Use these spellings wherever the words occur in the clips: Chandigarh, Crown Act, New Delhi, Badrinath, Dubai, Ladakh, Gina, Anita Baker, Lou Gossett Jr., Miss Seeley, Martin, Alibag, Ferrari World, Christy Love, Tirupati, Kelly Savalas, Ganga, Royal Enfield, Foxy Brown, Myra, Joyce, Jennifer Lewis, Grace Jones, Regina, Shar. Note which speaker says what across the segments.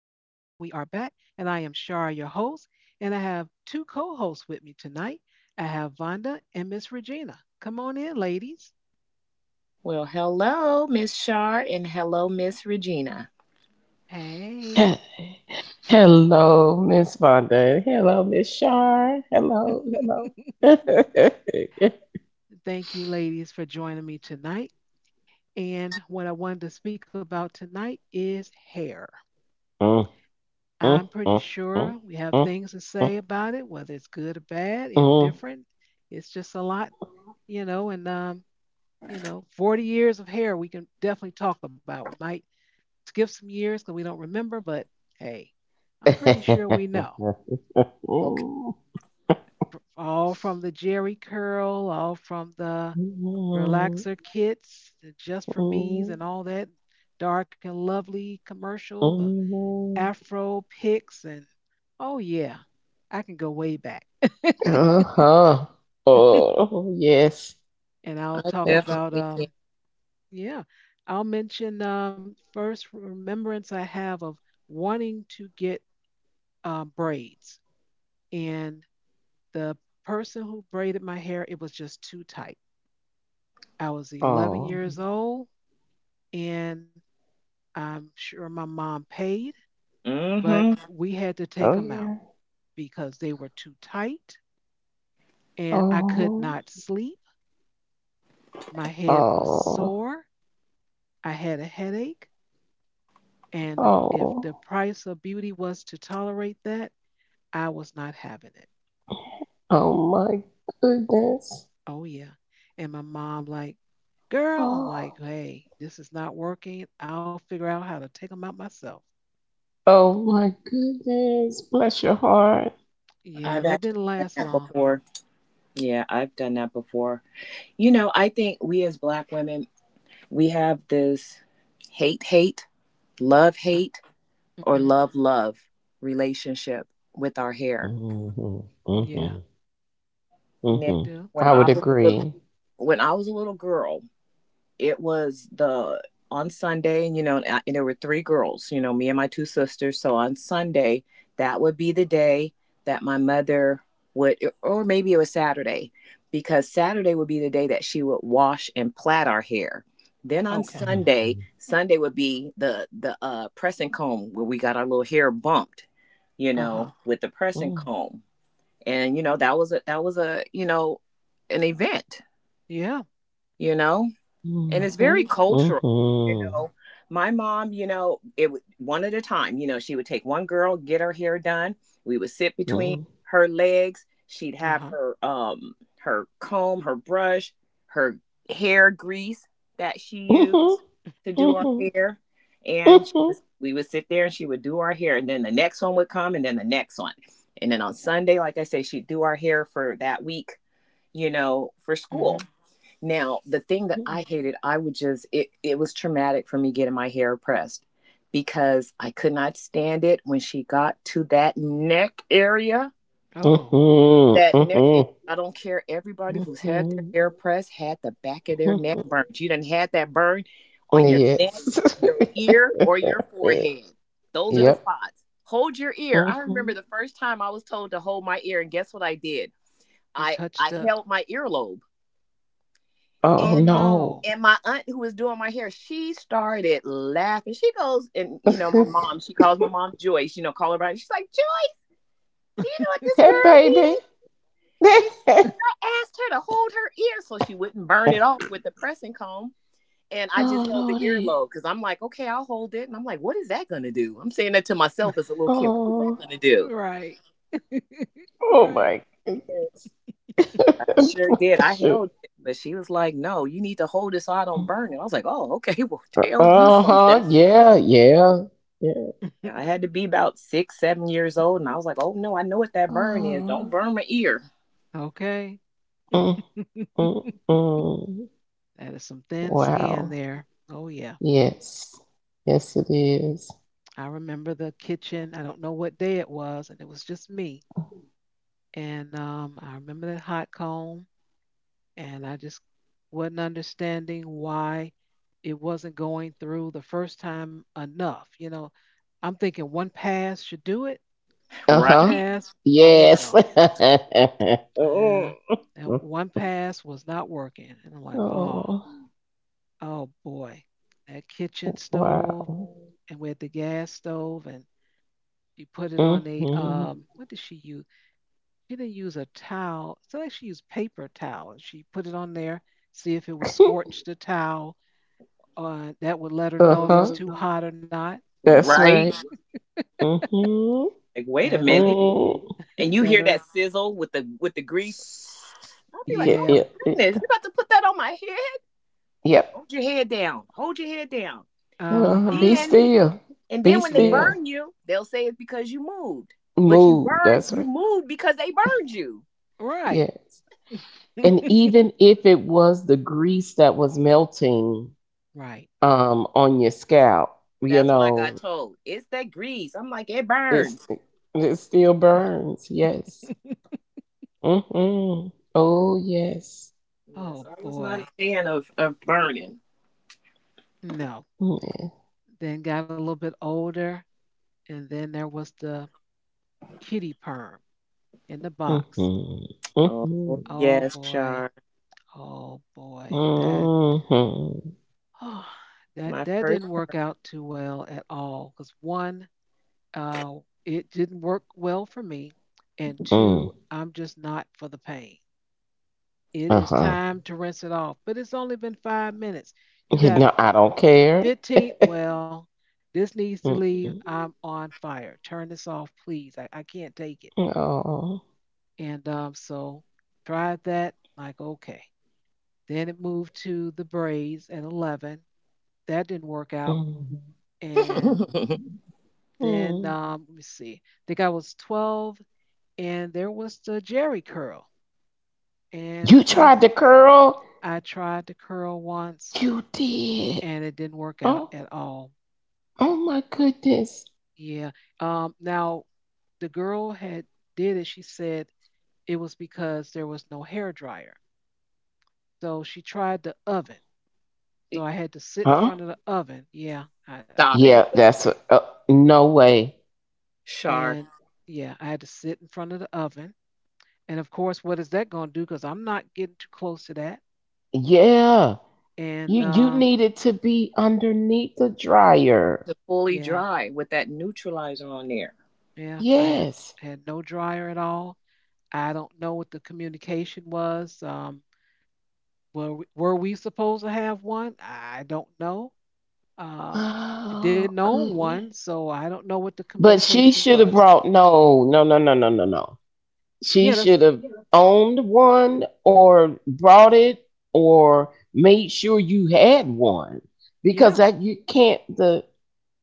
Speaker 1: are back, and I am Shar, your host, and I have two co hosts with me tonight. I have Vonda and Miss Regina. Come on in, ladies.
Speaker 2: Well, hello, Miss Shar, and hello, Miss Regina.
Speaker 1: Hey.
Speaker 3: He- Hello, Miss Vonda. Hello, Miss Shar. Hello, hello.
Speaker 1: Thank you, ladies, for joining me tonight. And what I wanted to speak about tonight is hair.
Speaker 3: Mm,
Speaker 1: I'm
Speaker 3: mm,
Speaker 1: pretty
Speaker 3: mm,
Speaker 1: sure we have things to say about it, whether it's good or bad, indifferent. It's just a lot, you know, and um, you know 40 years of hair we can definitely talk about. We might skip some years because we don't remember, but hey, I'm pretty sure we know
Speaker 2: Okay,
Speaker 1: all from the Jerry curl, all from the relaxer kits, the Just For Me's and all that Dark and Lovely commercial,
Speaker 3: mm,
Speaker 1: the
Speaker 3: mm, mm, mm.
Speaker 1: afro pics, and oh yeah, I can go way back.
Speaker 3: Uh-huh. Oh, yes.
Speaker 1: And I'll
Speaker 2: I
Speaker 1: talk about
Speaker 2: definitely can.
Speaker 1: yeah, I'll mention first remembrance I have of wanting to get braids, and the person who braided my hair, it was just too tight. I was 11
Speaker 3: Oh,
Speaker 1: years old, and I'm sure my mom paid,
Speaker 2: Mm
Speaker 1: but
Speaker 2: hmm
Speaker 1: we had to take
Speaker 3: oh
Speaker 1: them out
Speaker 3: yeah.
Speaker 1: because they were too tight, and I could
Speaker 3: Oh,
Speaker 1: not sleep. My head was
Speaker 3: oh,
Speaker 1: sore. I had a headache, and if the
Speaker 3: oh,
Speaker 1: price of beauty was to tolerate that, I was not having it.
Speaker 3: oh my goodness.
Speaker 1: Oh yeah. And my mom like, girl, I'm
Speaker 3: Oh.
Speaker 1: like, hey, this is not working. I'll figure out how to take them out myself.
Speaker 3: Oh my goodness, bless your heart.
Speaker 1: Yeah,
Speaker 2: I've
Speaker 1: that didn't
Speaker 2: actually done
Speaker 1: last
Speaker 2: that
Speaker 1: long.
Speaker 2: before. Yeah, I've done that before. You know, I think we as Black women, we have this hate, hate, love,
Speaker 1: Uh,
Speaker 2: hate,
Speaker 1: Mm-hmm.
Speaker 2: or love, love relationship with our hair.
Speaker 3: Hmm,
Speaker 1: Yeah,
Speaker 3: hmm,
Speaker 2: Now,
Speaker 1: we
Speaker 3: hmm.
Speaker 1: do.
Speaker 2: When
Speaker 3: I
Speaker 2: I
Speaker 3: would
Speaker 2: was a little,
Speaker 3: agree.
Speaker 2: when I was a little girl, it was the on Sunday, you know, and there were three girls, you know, me and my two sisters. So on Sunday, that would be the day that my mother would, or maybe it was Saturday, because Saturday would be the day that she would wash and plait our hair. Then on
Speaker 1: Okay.
Speaker 2: Sunday,
Speaker 3: Hmm,
Speaker 2: Sunday would be the press and comb where we got our little hair bumped, you
Speaker 1: Uh huh.
Speaker 2: know, with the press and
Speaker 3: hmm,
Speaker 2: comb, and you know that was a you know an event,
Speaker 1: Yeah.
Speaker 2: you know, and
Speaker 3: hmm,
Speaker 2: it's very cultural, you
Speaker 3: hmm,
Speaker 2: know. My mom, you know, it would one at a time, you know, she would take one girl, get her hair done. We would sit between her legs. She'd
Speaker 1: Uh
Speaker 2: have
Speaker 1: huh.
Speaker 2: her her comb, her brush, her hair grease that she used to do our hair. And she was, we would sit there and she would do our hair, and then the next one would come, and then the next one. And then on Sunday, like I say, she'd do our hair for that week, you know, for school.
Speaker 1: Mm-hmm.
Speaker 2: Now, the thing that I hated, I would just it it was traumatic for me getting my hair pressed because I could not stand it when she got to that neck area.
Speaker 1: Uh oh.
Speaker 2: That
Speaker 3: hmm,
Speaker 2: I don't care, everybody
Speaker 3: hmm,
Speaker 2: who's had their hair
Speaker 3: hmm.
Speaker 2: pressed had the back of their neck burned. You done had that burn on your
Speaker 1: Yes.
Speaker 2: neck,
Speaker 3: Yes.
Speaker 2: your ear, or your forehead. Those are
Speaker 1: Yep.
Speaker 2: the
Speaker 3: Yep.
Speaker 2: spots. Hold your ear. I remember
Speaker 3: Hmm.
Speaker 2: the first time I was told to hold my ear and guess what I did?
Speaker 1: You
Speaker 2: I
Speaker 1: touched
Speaker 2: I
Speaker 1: the.
Speaker 2: held my earlobe,
Speaker 3: Oh
Speaker 2: and
Speaker 1: Oh
Speaker 3: no.
Speaker 1: no.
Speaker 2: and my aunt who was doing my hair, she started laughing. She goes, and
Speaker 3: That
Speaker 2: you know, my mom, she calls my mom Joyce, you know, call her by. She's like, Joyce, do you know what this girl
Speaker 3: baby.
Speaker 2: did? She I asked her to hold her ear so she wouldn't burn it off with the pressing comb. And I
Speaker 3: Oh
Speaker 2: just held the
Speaker 3: lordy.
Speaker 2: earlobe because I'm like, okay, I'll hold it. And I'm like, what is that gonna do? I'm saying that to myself as a little kid. What is that
Speaker 3: Oh.
Speaker 2: gonna do?
Speaker 1: Right.
Speaker 3: Oh
Speaker 1: Right.
Speaker 3: my goodness.
Speaker 2: I sure did. I held it, but she was like, "No, you need to hold it so I don't burn it." I was like, "Oh, okay. Well, tell me
Speaker 3: Uh
Speaker 2: something."
Speaker 3: huh. Yeah. Yeah. Yeah.
Speaker 2: Yeah, I had to be about 6, 7 years old, and I was like, "Oh no, I know what that burn is. Don't
Speaker 3: Oh,
Speaker 2: burn my ear."
Speaker 1: Okay.
Speaker 3: mm, mm, mm.
Speaker 1: That is some thin skin
Speaker 3: Wow.
Speaker 1: there. Oh yeah.
Speaker 3: Yes. Yes, it is.
Speaker 1: I remember the kitchen. I don't know what day it was, and it was just me. And I remember that hot comb, and I just wasn't understanding why it wasn't going through the first time enough. You know, I'm thinking one pass should do it.
Speaker 3: Uh
Speaker 1: One
Speaker 3: huh.
Speaker 2: Right,
Speaker 1: pass, oh
Speaker 3: Yes.
Speaker 1: no. Yeah,
Speaker 3: Oh,
Speaker 1: that one pass was not working. And I'm like, oh, oh boy, that kitchen stove,
Speaker 3: wow.
Speaker 1: and we had the gas stove, and she put it on a,
Speaker 3: Mm-hmm.
Speaker 1: what did she use? She didn't use a towel. So like she used paper towel and she put it on there, see if it was scorched the towel. That would let her
Speaker 3: Uh
Speaker 1: know if it's too
Speaker 3: huh.
Speaker 1: hot or not.
Speaker 3: That's right.
Speaker 2: right.
Speaker 3: Mm-hmm.
Speaker 2: Like, wait a
Speaker 1: At her,
Speaker 2: minute,
Speaker 3: Mm.
Speaker 2: and you
Speaker 1: at
Speaker 2: hear that
Speaker 1: her.
Speaker 2: sizzle with the grease. I'll be like,
Speaker 3: Yeah,
Speaker 2: "Oh
Speaker 3: yeah,
Speaker 1: Yeah.
Speaker 2: my
Speaker 3: yeah.
Speaker 2: goodness, you are about to put that on my head?
Speaker 3: Yep.
Speaker 2: Hold your head down. Hold your head down."
Speaker 1: Uh
Speaker 2: And
Speaker 1: huh.
Speaker 3: Be
Speaker 2: then,
Speaker 3: still.
Speaker 2: and
Speaker 3: Be
Speaker 2: then when they
Speaker 1: Yes.
Speaker 3: still.
Speaker 2: burn you, they'll say it's because you moved, but you
Speaker 3: Move.
Speaker 2: burned,
Speaker 3: That's
Speaker 2: you
Speaker 3: right.
Speaker 2: moved because they burned you.
Speaker 1: Right.
Speaker 3: Yes. And even if it was the grease that was melting
Speaker 1: Right.
Speaker 3: on your scalp,
Speaker 2: That's what I got told. It's that grease. I'm like, it
Speaker 3: it's
Speaker 2: burns.
Speaker 3: it still burns. Yes. Mm-hmm. Oh yes.
Speaker 2: Yes,
Speaker 1: Oh
Speaker 2: I was not a
Speaker 1: boy.
Speaker 2: fan of burning.
Speaker 1: No.
Speaker 3: Yeah.
Speaker 1: Then got a little bit older, and then there was the kitty perm in the box.
Speaker 3: Mm-hmm.
Speaker 2: Oh,
Speaker 3: Mm-hmm.
Speaker 1: Oh
Speaker 2: yes,
Speaker 1: boy.
Speaker 2: Shar.
Speaker 1: Oh boy. That
Speaker 3: Mm-hmm.
Speaker 1: oh,
Speaker 2: My
Speaker 1: that
Speaker 2: first.
Speaker 1: didn't work out too well at all. Because one, uh, it didn't work well for me, and
Speaker 3: Mm.
Speaker 1: two, I'm just not for the pain. It is
Speaker 3: Uh-huh.
Speaker 1: time to rinse it off, but it's only been 5 minutes. You got
Speaker 3: No, I don't care.
Speaker 1: 15. Well, this needs to leave.
Speaker 3: Mm-mm.
Speaker 1: I'm on fire. Turn this off, please. I can't take it.
Speaker 3: Oh.
Speaker 1: And so tried that. Like okay. Then it moved to the braids at 11. That didn't work out,
Speaker 3: Mm.
Speaker 1: and then
Speaker 3: Mm.
Speaker 1: let me see. I think I was 12, and there was the Jerry curl. And
Speaker 3: You
Speaker 1: like
Speaker 3: tried to curl?
Speaker 1: I tried to curl once,
Speaker 3: You did.
Speaker 1: and it didn't work out
Speaker 3: Oh,
Speaker 1: at all.
Speaker 3: oh my goodness.
Speaker 1: Yeah. Now the girl had did it. She said it was because there was no hair dryer. So she tried the oven. So I had to sit in
Speaker 3: Huh?
Speaker 1: front of the oven. Yeah, I
Speaker 2: Stop
Speaker 1: know.
Speaker 2: it,
Speaker 3: Yeah, that's no way.
Speaker 2: Char.
Speaker 1: And yeah, I had to sit in front of the oven. And of course, what is that going to do? Because I'm not getting too close to that.
Speaker 3: Yeah.
Speaker 1: And
Speaker 3: You needed to be underneath the dryer.
Speaker 2: To fully
Speaker 1: Yeah,
Speaker 2: dry with that neutralizer on there.
Speaker 1: yeah. I
Speaker 3: Yes.
Speaker 1: had no dryer at all. I don't know what the communication was. Were we, were we supposed to have one? I don't know. Um, didn't
Speaker 3: Oh
Speaker 1: own one,
Speaker 3: goodness.
Speaker 1: so I don't know what the
Speaker 3: But she
Speaker 1: communication
Speaker 3: should have
Speaker 1: was.
Speaker 3: brought no, no, no, no, no, no, no. She
Speaker 1: Yeah, that's
Speaker 3: should have owned one or brought it or made sure you had one because
Speaker 1: yeah,
Speaker 3: that you can't the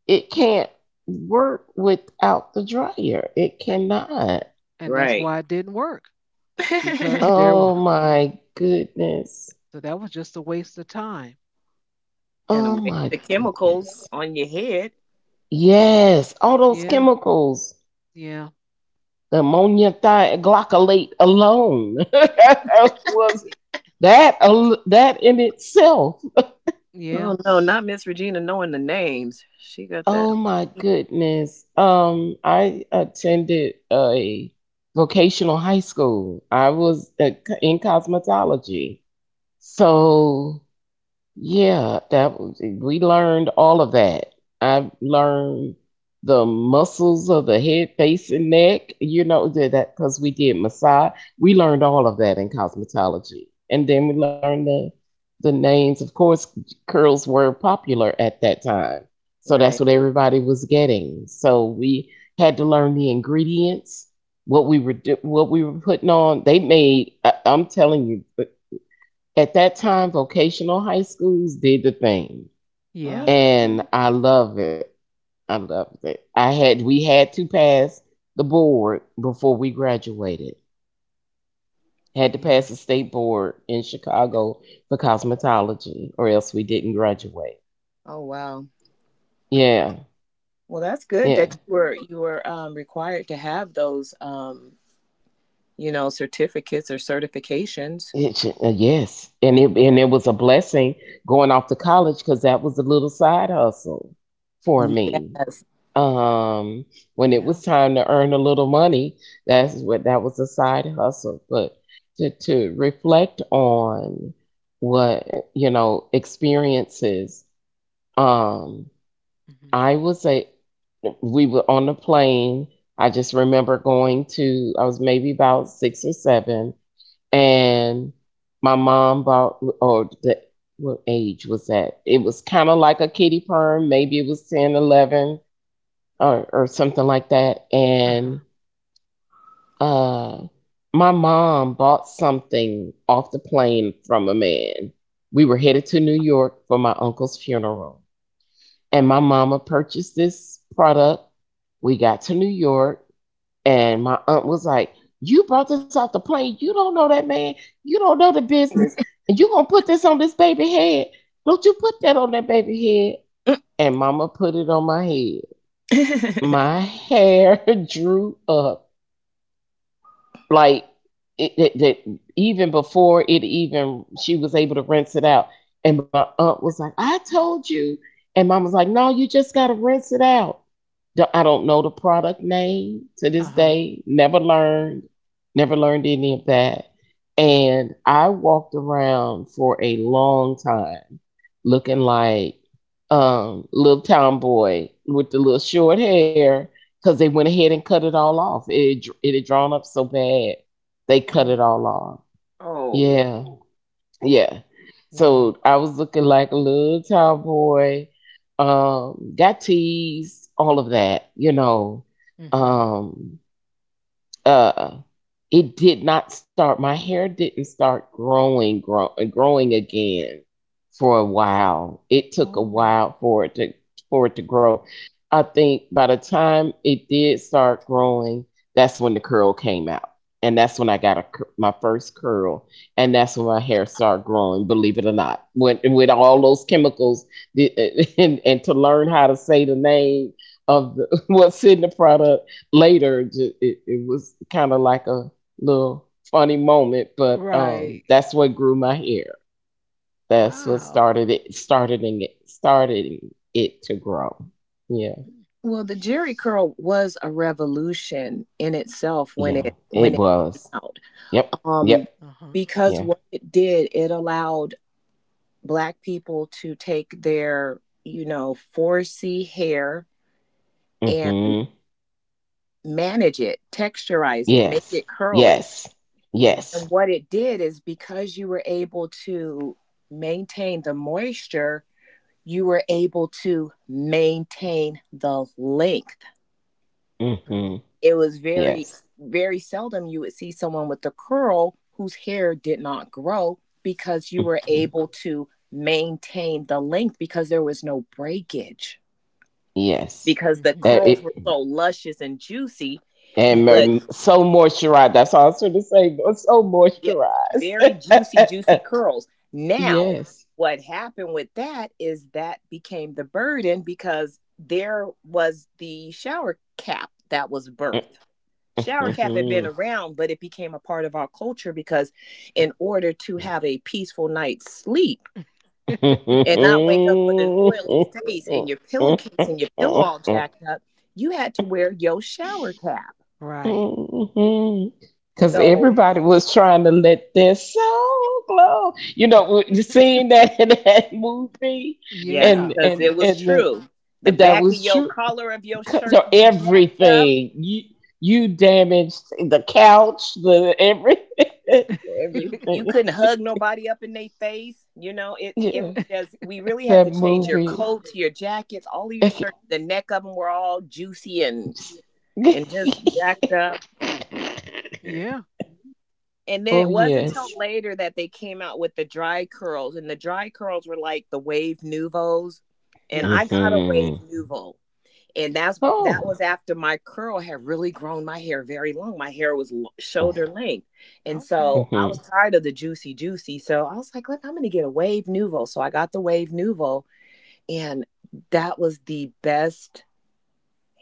Speaker 3: it can't work without the dryer. It
Speaker 1: a-
Speaker 3: cannot.
Speaker 1: and that's
Speaker 2: Right.
Speaker 1: why it didn't work because there was
Speaker 3: Oh my goodness.
Speaker 1: so that was just a waste of time.
Speaker 2: And a
Speaker 3: Oh my
Speaker 2: waste chemicals
Speaker 3: goodness.
Speaker 2: on your head.
Speaker 3: Yes, all those
Speaker 1: Yeah,
Speaker 3: chemicals,
Speaker 1: yeah,
Speaker 3: the ammonia thioglycolate alone was
Speaker 1: y-
Speaker 3: that in itself.
Speaker 1: yeah,
Speaker 2: Oh no, not Miss Regina knowing the names. She got that.
Speaker 3: Oh my goodness. I attended a vocational high school. I was in cosmetology,
Speaker 1: hmm
Speaker 3: so yeah, we learned all of that. I learned the muscles of the head, face, and neck. You know that because we did massage. We learned all of that in cosmetology, and then we learned the names. Of course, curls were popular at that time, so that's
Speaker 2: Right.
Speaker 3: what everybody was getting. So we had to learn the ingredients, what we were putting on. They made. I'm telling you, at that time, vocational high schools did the thing,
Speaker 2: Mm.
Speaker 1: yeah,
Speaker 3: and I love it. I loved it. I had we had to pass the board before we graduated. Had to
Speaker 1: yeah,
Speaker 3: pass the state board in Chicago for cosmetology, or else we didn't graduate.
Speaker 2: Oh wow.
Speaker 3: Yeah,
Speaker 2: Well, that's good
Speaker 3: yeah.
Speaker 2: that you were required to have those you know certificates or certifications.
Speaker 3: Yes, and it was a blessing going off to college because that was a little side hustle for me.
Speaker 2: Yes.
Speaker 3: Um, when it
Speaker 1: yeah.
Speaker 3: was time to earn a little money, that's what that was a side hustle. But to reflect on what experiences, um,
Speaker 1: Hmm.
Speaker 3: I was a we were on the plane. I just remember going to I was maybe about 6 or 7, and my mom bought or the, what age was that, it was kind of like a kiddie perm, maybe it was 10, 11, or something like that,
Speaker 1: Uh huh.
Speaker 3: and uh my mom bought something off the plane from a man. We were headed to New York for my uncle's funeral, and my mama purchased this product. We got to New York, and my aunt was like, "You brought this off the plane. You don't know that man. You don't know the business. And you gonna put this on this baby head. Don't you put that on that baby head." And mama put it on my head. My hair drew up, like it, it, it- even before it even she was able to rinse it out. And my aunt was like, "I told you." And mama's like, "No, you just gotta rinse it out." I don't know the product name to
Speaker 1: Uh
Speaker 3: this
Speaker 1: huh.
Speaker 3: day. Never learned, never learned any of that. And I walked around for a long time looking like little town boy with the little short hair, because they went ahead and cut it all off. It had drawn up so bad, they cut it
Speaker 1: Mm,
Speaker 3: all off.
Speaker 2: Oh,
Speaker 3: Yeah. Yeah.
Speaker 1: wow.
Speaker 3: So I was looking like a little tomboy. Got teased, all of that.
Speaker 1: Hmm.
Speaker 3: Um, uh it did not start my hair didn't start growing again. For a while, it took a
Speaker 1: Oh,
Speaker 3: while for it to grow. I think by the time it did start growing, that's when the curl came out, and that's when I got my first curl. And that's when my hair started growing, believe it or not, with all those chemicals, the- and to learn how to say the name what's in the product later, it was kind of like a little funny moment, but
Speaker 1: right.
Speaker 3: that's what grew my hair. That's what
Speaker 1: Wow.
Speaker 3: started it to grow. Yeah.
Speaker 1: Mm.
Speaker 2: well, the Jerry curl was a revolution in itself when
Speaker 3: Yeah,
Speaker 2: it
Speaker 3: it
Speaker 2: when it came
Speaker 3: was.
Speaker 2: out.
Speaker 3: Yep.
Speaker 2: Um,
Speaker 3: Yep.
Speaker 1: Uh-huh.
Speaker 2: because
Speaker 3: Yeah.
Speaker 2: what it did, it allowed black people to take their, you know, 4C hair and
Speaker 3: Mhm.
Speaker 2: manage it, texturize it, make
Speaker 3: Yes.
Speaker 2: it curly.
Speaker 3: Yes.
Speaker 1: Yes.
Speaker 2: And
Speaker 3: Yes.
Speaker 2: what it did is because you were able to maintain the moisture, you were able to maintain the length.
Speaker 1: True.
Speaker 3: Mhm.
Speaker 2: It was very
Speaker 3: Yes.
Speaker 2: very seldom you would see someone with a curl whose hair did not grow because you were
Speaker 3: Mhm.
Speaker 2: able to maintain the length because there was no breakage
Speaker 3: Yes.
Speaker 2: because the
Speaker 1: Hmm.
Speaker 3: That
Speaker 2: curls
Speaker 3: it,
Speaker 2: were so luscious and juicy,
Speaker 3: and
Speaker 2: but
Speaker 3: so moisturized, that's all I was trying to say, but so
Speaker 2: yes, very
Speaker 3: moisturized.
Speaker 2: juicy juicy curls. Now
Speaker 3: Yes.
Speaker 2: what happened with that is that became the burden because there was the shower cap that was birth. Shower cap had been
Speaker 3: Because
Speaker 2: around, but it became a part of our culture because, in order to have a peaceful night's sleep and not wake up with an oily face and your pillowcase and your pillow all jacked up, you had to wear your shower cap.
Speaker 1: Right. Sure
Speaker 2: So,
Speaker 1: did.
Speaker 3: everybody was trying to let their soul glow. You seen that in that movie,
Speaker 2: yes,
Speaker 3: and
Speaker 1: Yeah.
Speaker 2: because
Speaker 3: and
Speaker 2: it was
Speaker 3: and the,
Speaker 2: true. The
Speaker 3: that
Speaker 2: back of
Speaker 3: was
Speaker 2: your
Speaker 3: true.
Speaker 2: collar of your
Speaker 3: 'Cause,
Speaker 2: shirt
Speaker 3: so
Speaker 2: be jacked up.
Speaker 3: everything, you damaged the couch, the everything,
Speaker 2: You you
Speaker 3: everything.
Speaker 2: couldn't hug nobody up in their face. You know, it
Speaker 3: Yeah,
Speaker 2: was just we really had
Speaker 3: that
Speaker 2: to change your
Speaker 3: movie.
Speaker 2: coats, your jackets, all of your shirts. The neck of them were all juicy and just jacked up.
Speaker 1: Yeah.
Speaker 2: And then
Speaker 3: Oh
Speaker 2: it wasn't until
Speaker 3: yes.
Speaker 2: later that they came out with the dry curls, and the dry curls were like the wave nouvelles. And I
Speaker 1: Yes.
Speaker 2: got a wave
Speaker 3: Mm-hmm.
Speaker 2: nouveau, and that's that
Speaker 3: Oh.
Speaker 2: was after my curl had really grown my hair very long. My hair was shoulder length, and
Speaker 1: Okay.
Speaker 2: so I
Speaker 3: Mm-hmm.
Speaker 2: was tired of the juicy juicy. So I was like, "Look, I'm gonna get a wave nouveau." So I got the wave nouveau, and that was the best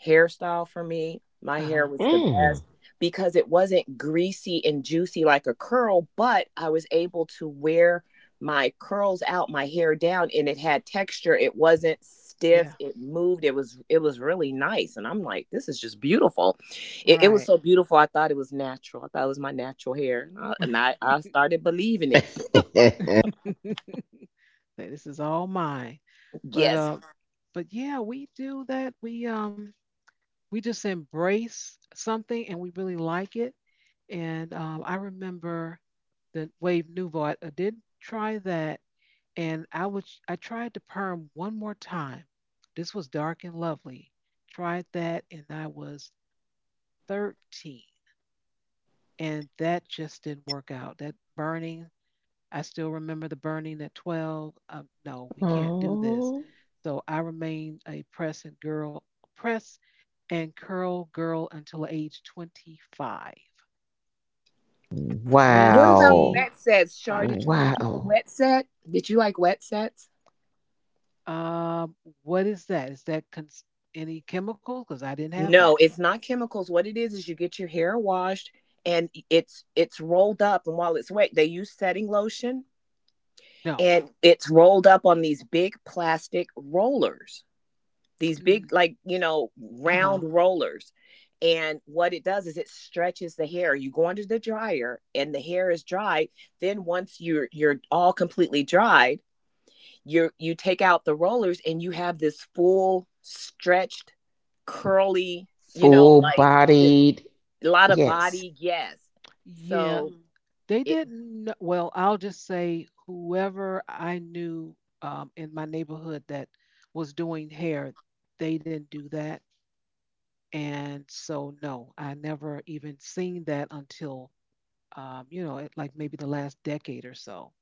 Speaker 2: hairstyle for me. My
Speaker 1: Uh-huh.
Speaker 2: hair was the
Speaker 3: Mm.
Speaker 2: best because it wasn't greasy and juicy like a curl, but I was able to wear my curls out, my hair down, and it had texture. It wasn't stiff.
Speaker 1: Yeah.
Speaker 2: It moved. It was really nice, and I'm like, this is just beautiful. It was
Speaker 1: Right.
Speaker 2: so beautiful. I thought it was natural. I thought it was my natural hair. And I started believing it.
Speaker 1: Say, this is all mine. But
Speaker 2: Yes.
Speaker 1: uh, but yeah, we do that. We we just embrace something and we really like it. And I remember the Wave Nouveau. I did try that, and I tried the perm one more time. This was Dark and Lovely. Tried that, and I was 13, and that just didn't work out. That burning, I still remember the burning at 12. No, we can't do this.
Speaker 3: Oh.
Speaker 1: So I remained a press and girl, press and curl girl until age 25.
Speaker 2: What about
Speaker 3: Wow.
Speaker 1: 25.
Speaker 2: wet sets, Shar? Did you ever do a
Speaker 3: Wow.
Speaker 2: wet set? Did you like wet sets?
Speaker 1: Um, what is that? Is that any chemicals? Because I didn't have that.
Speaker 2: No, it's not chemicals. What it is you get your hair washed, and it's rolled up, and while it's wet, they use setting lotion
Speaker 1: No.
Speaker 2: and it's rolled up on these big plastic rollers. These big, like, you know,
Speaker 1: Uh huh.
Speaker 2: round rollers. And what it does is it stretches the hair. You go under the dryer and the hair is dry. Then once you're all completely dried, you take out the rollers and you have this full stretched curly, you know,
Speaker 3: Full
Speaker 2: like
Speaker 3: bodied.
Speaker 2: a lot of
Speaker 3: Yes,
Speaker 2: body, yes.
Speaker 1: Yeah,
Speaker 2: So Mhm.
Speaker 1: they
Speaker 2: It,
Speaker 1: didn't. Well, I'll just say whoever I knew in my neighborhood that was doing hair, they didn't do that. And so, no, I never even seen that until, you know, like maybe the last decade or so.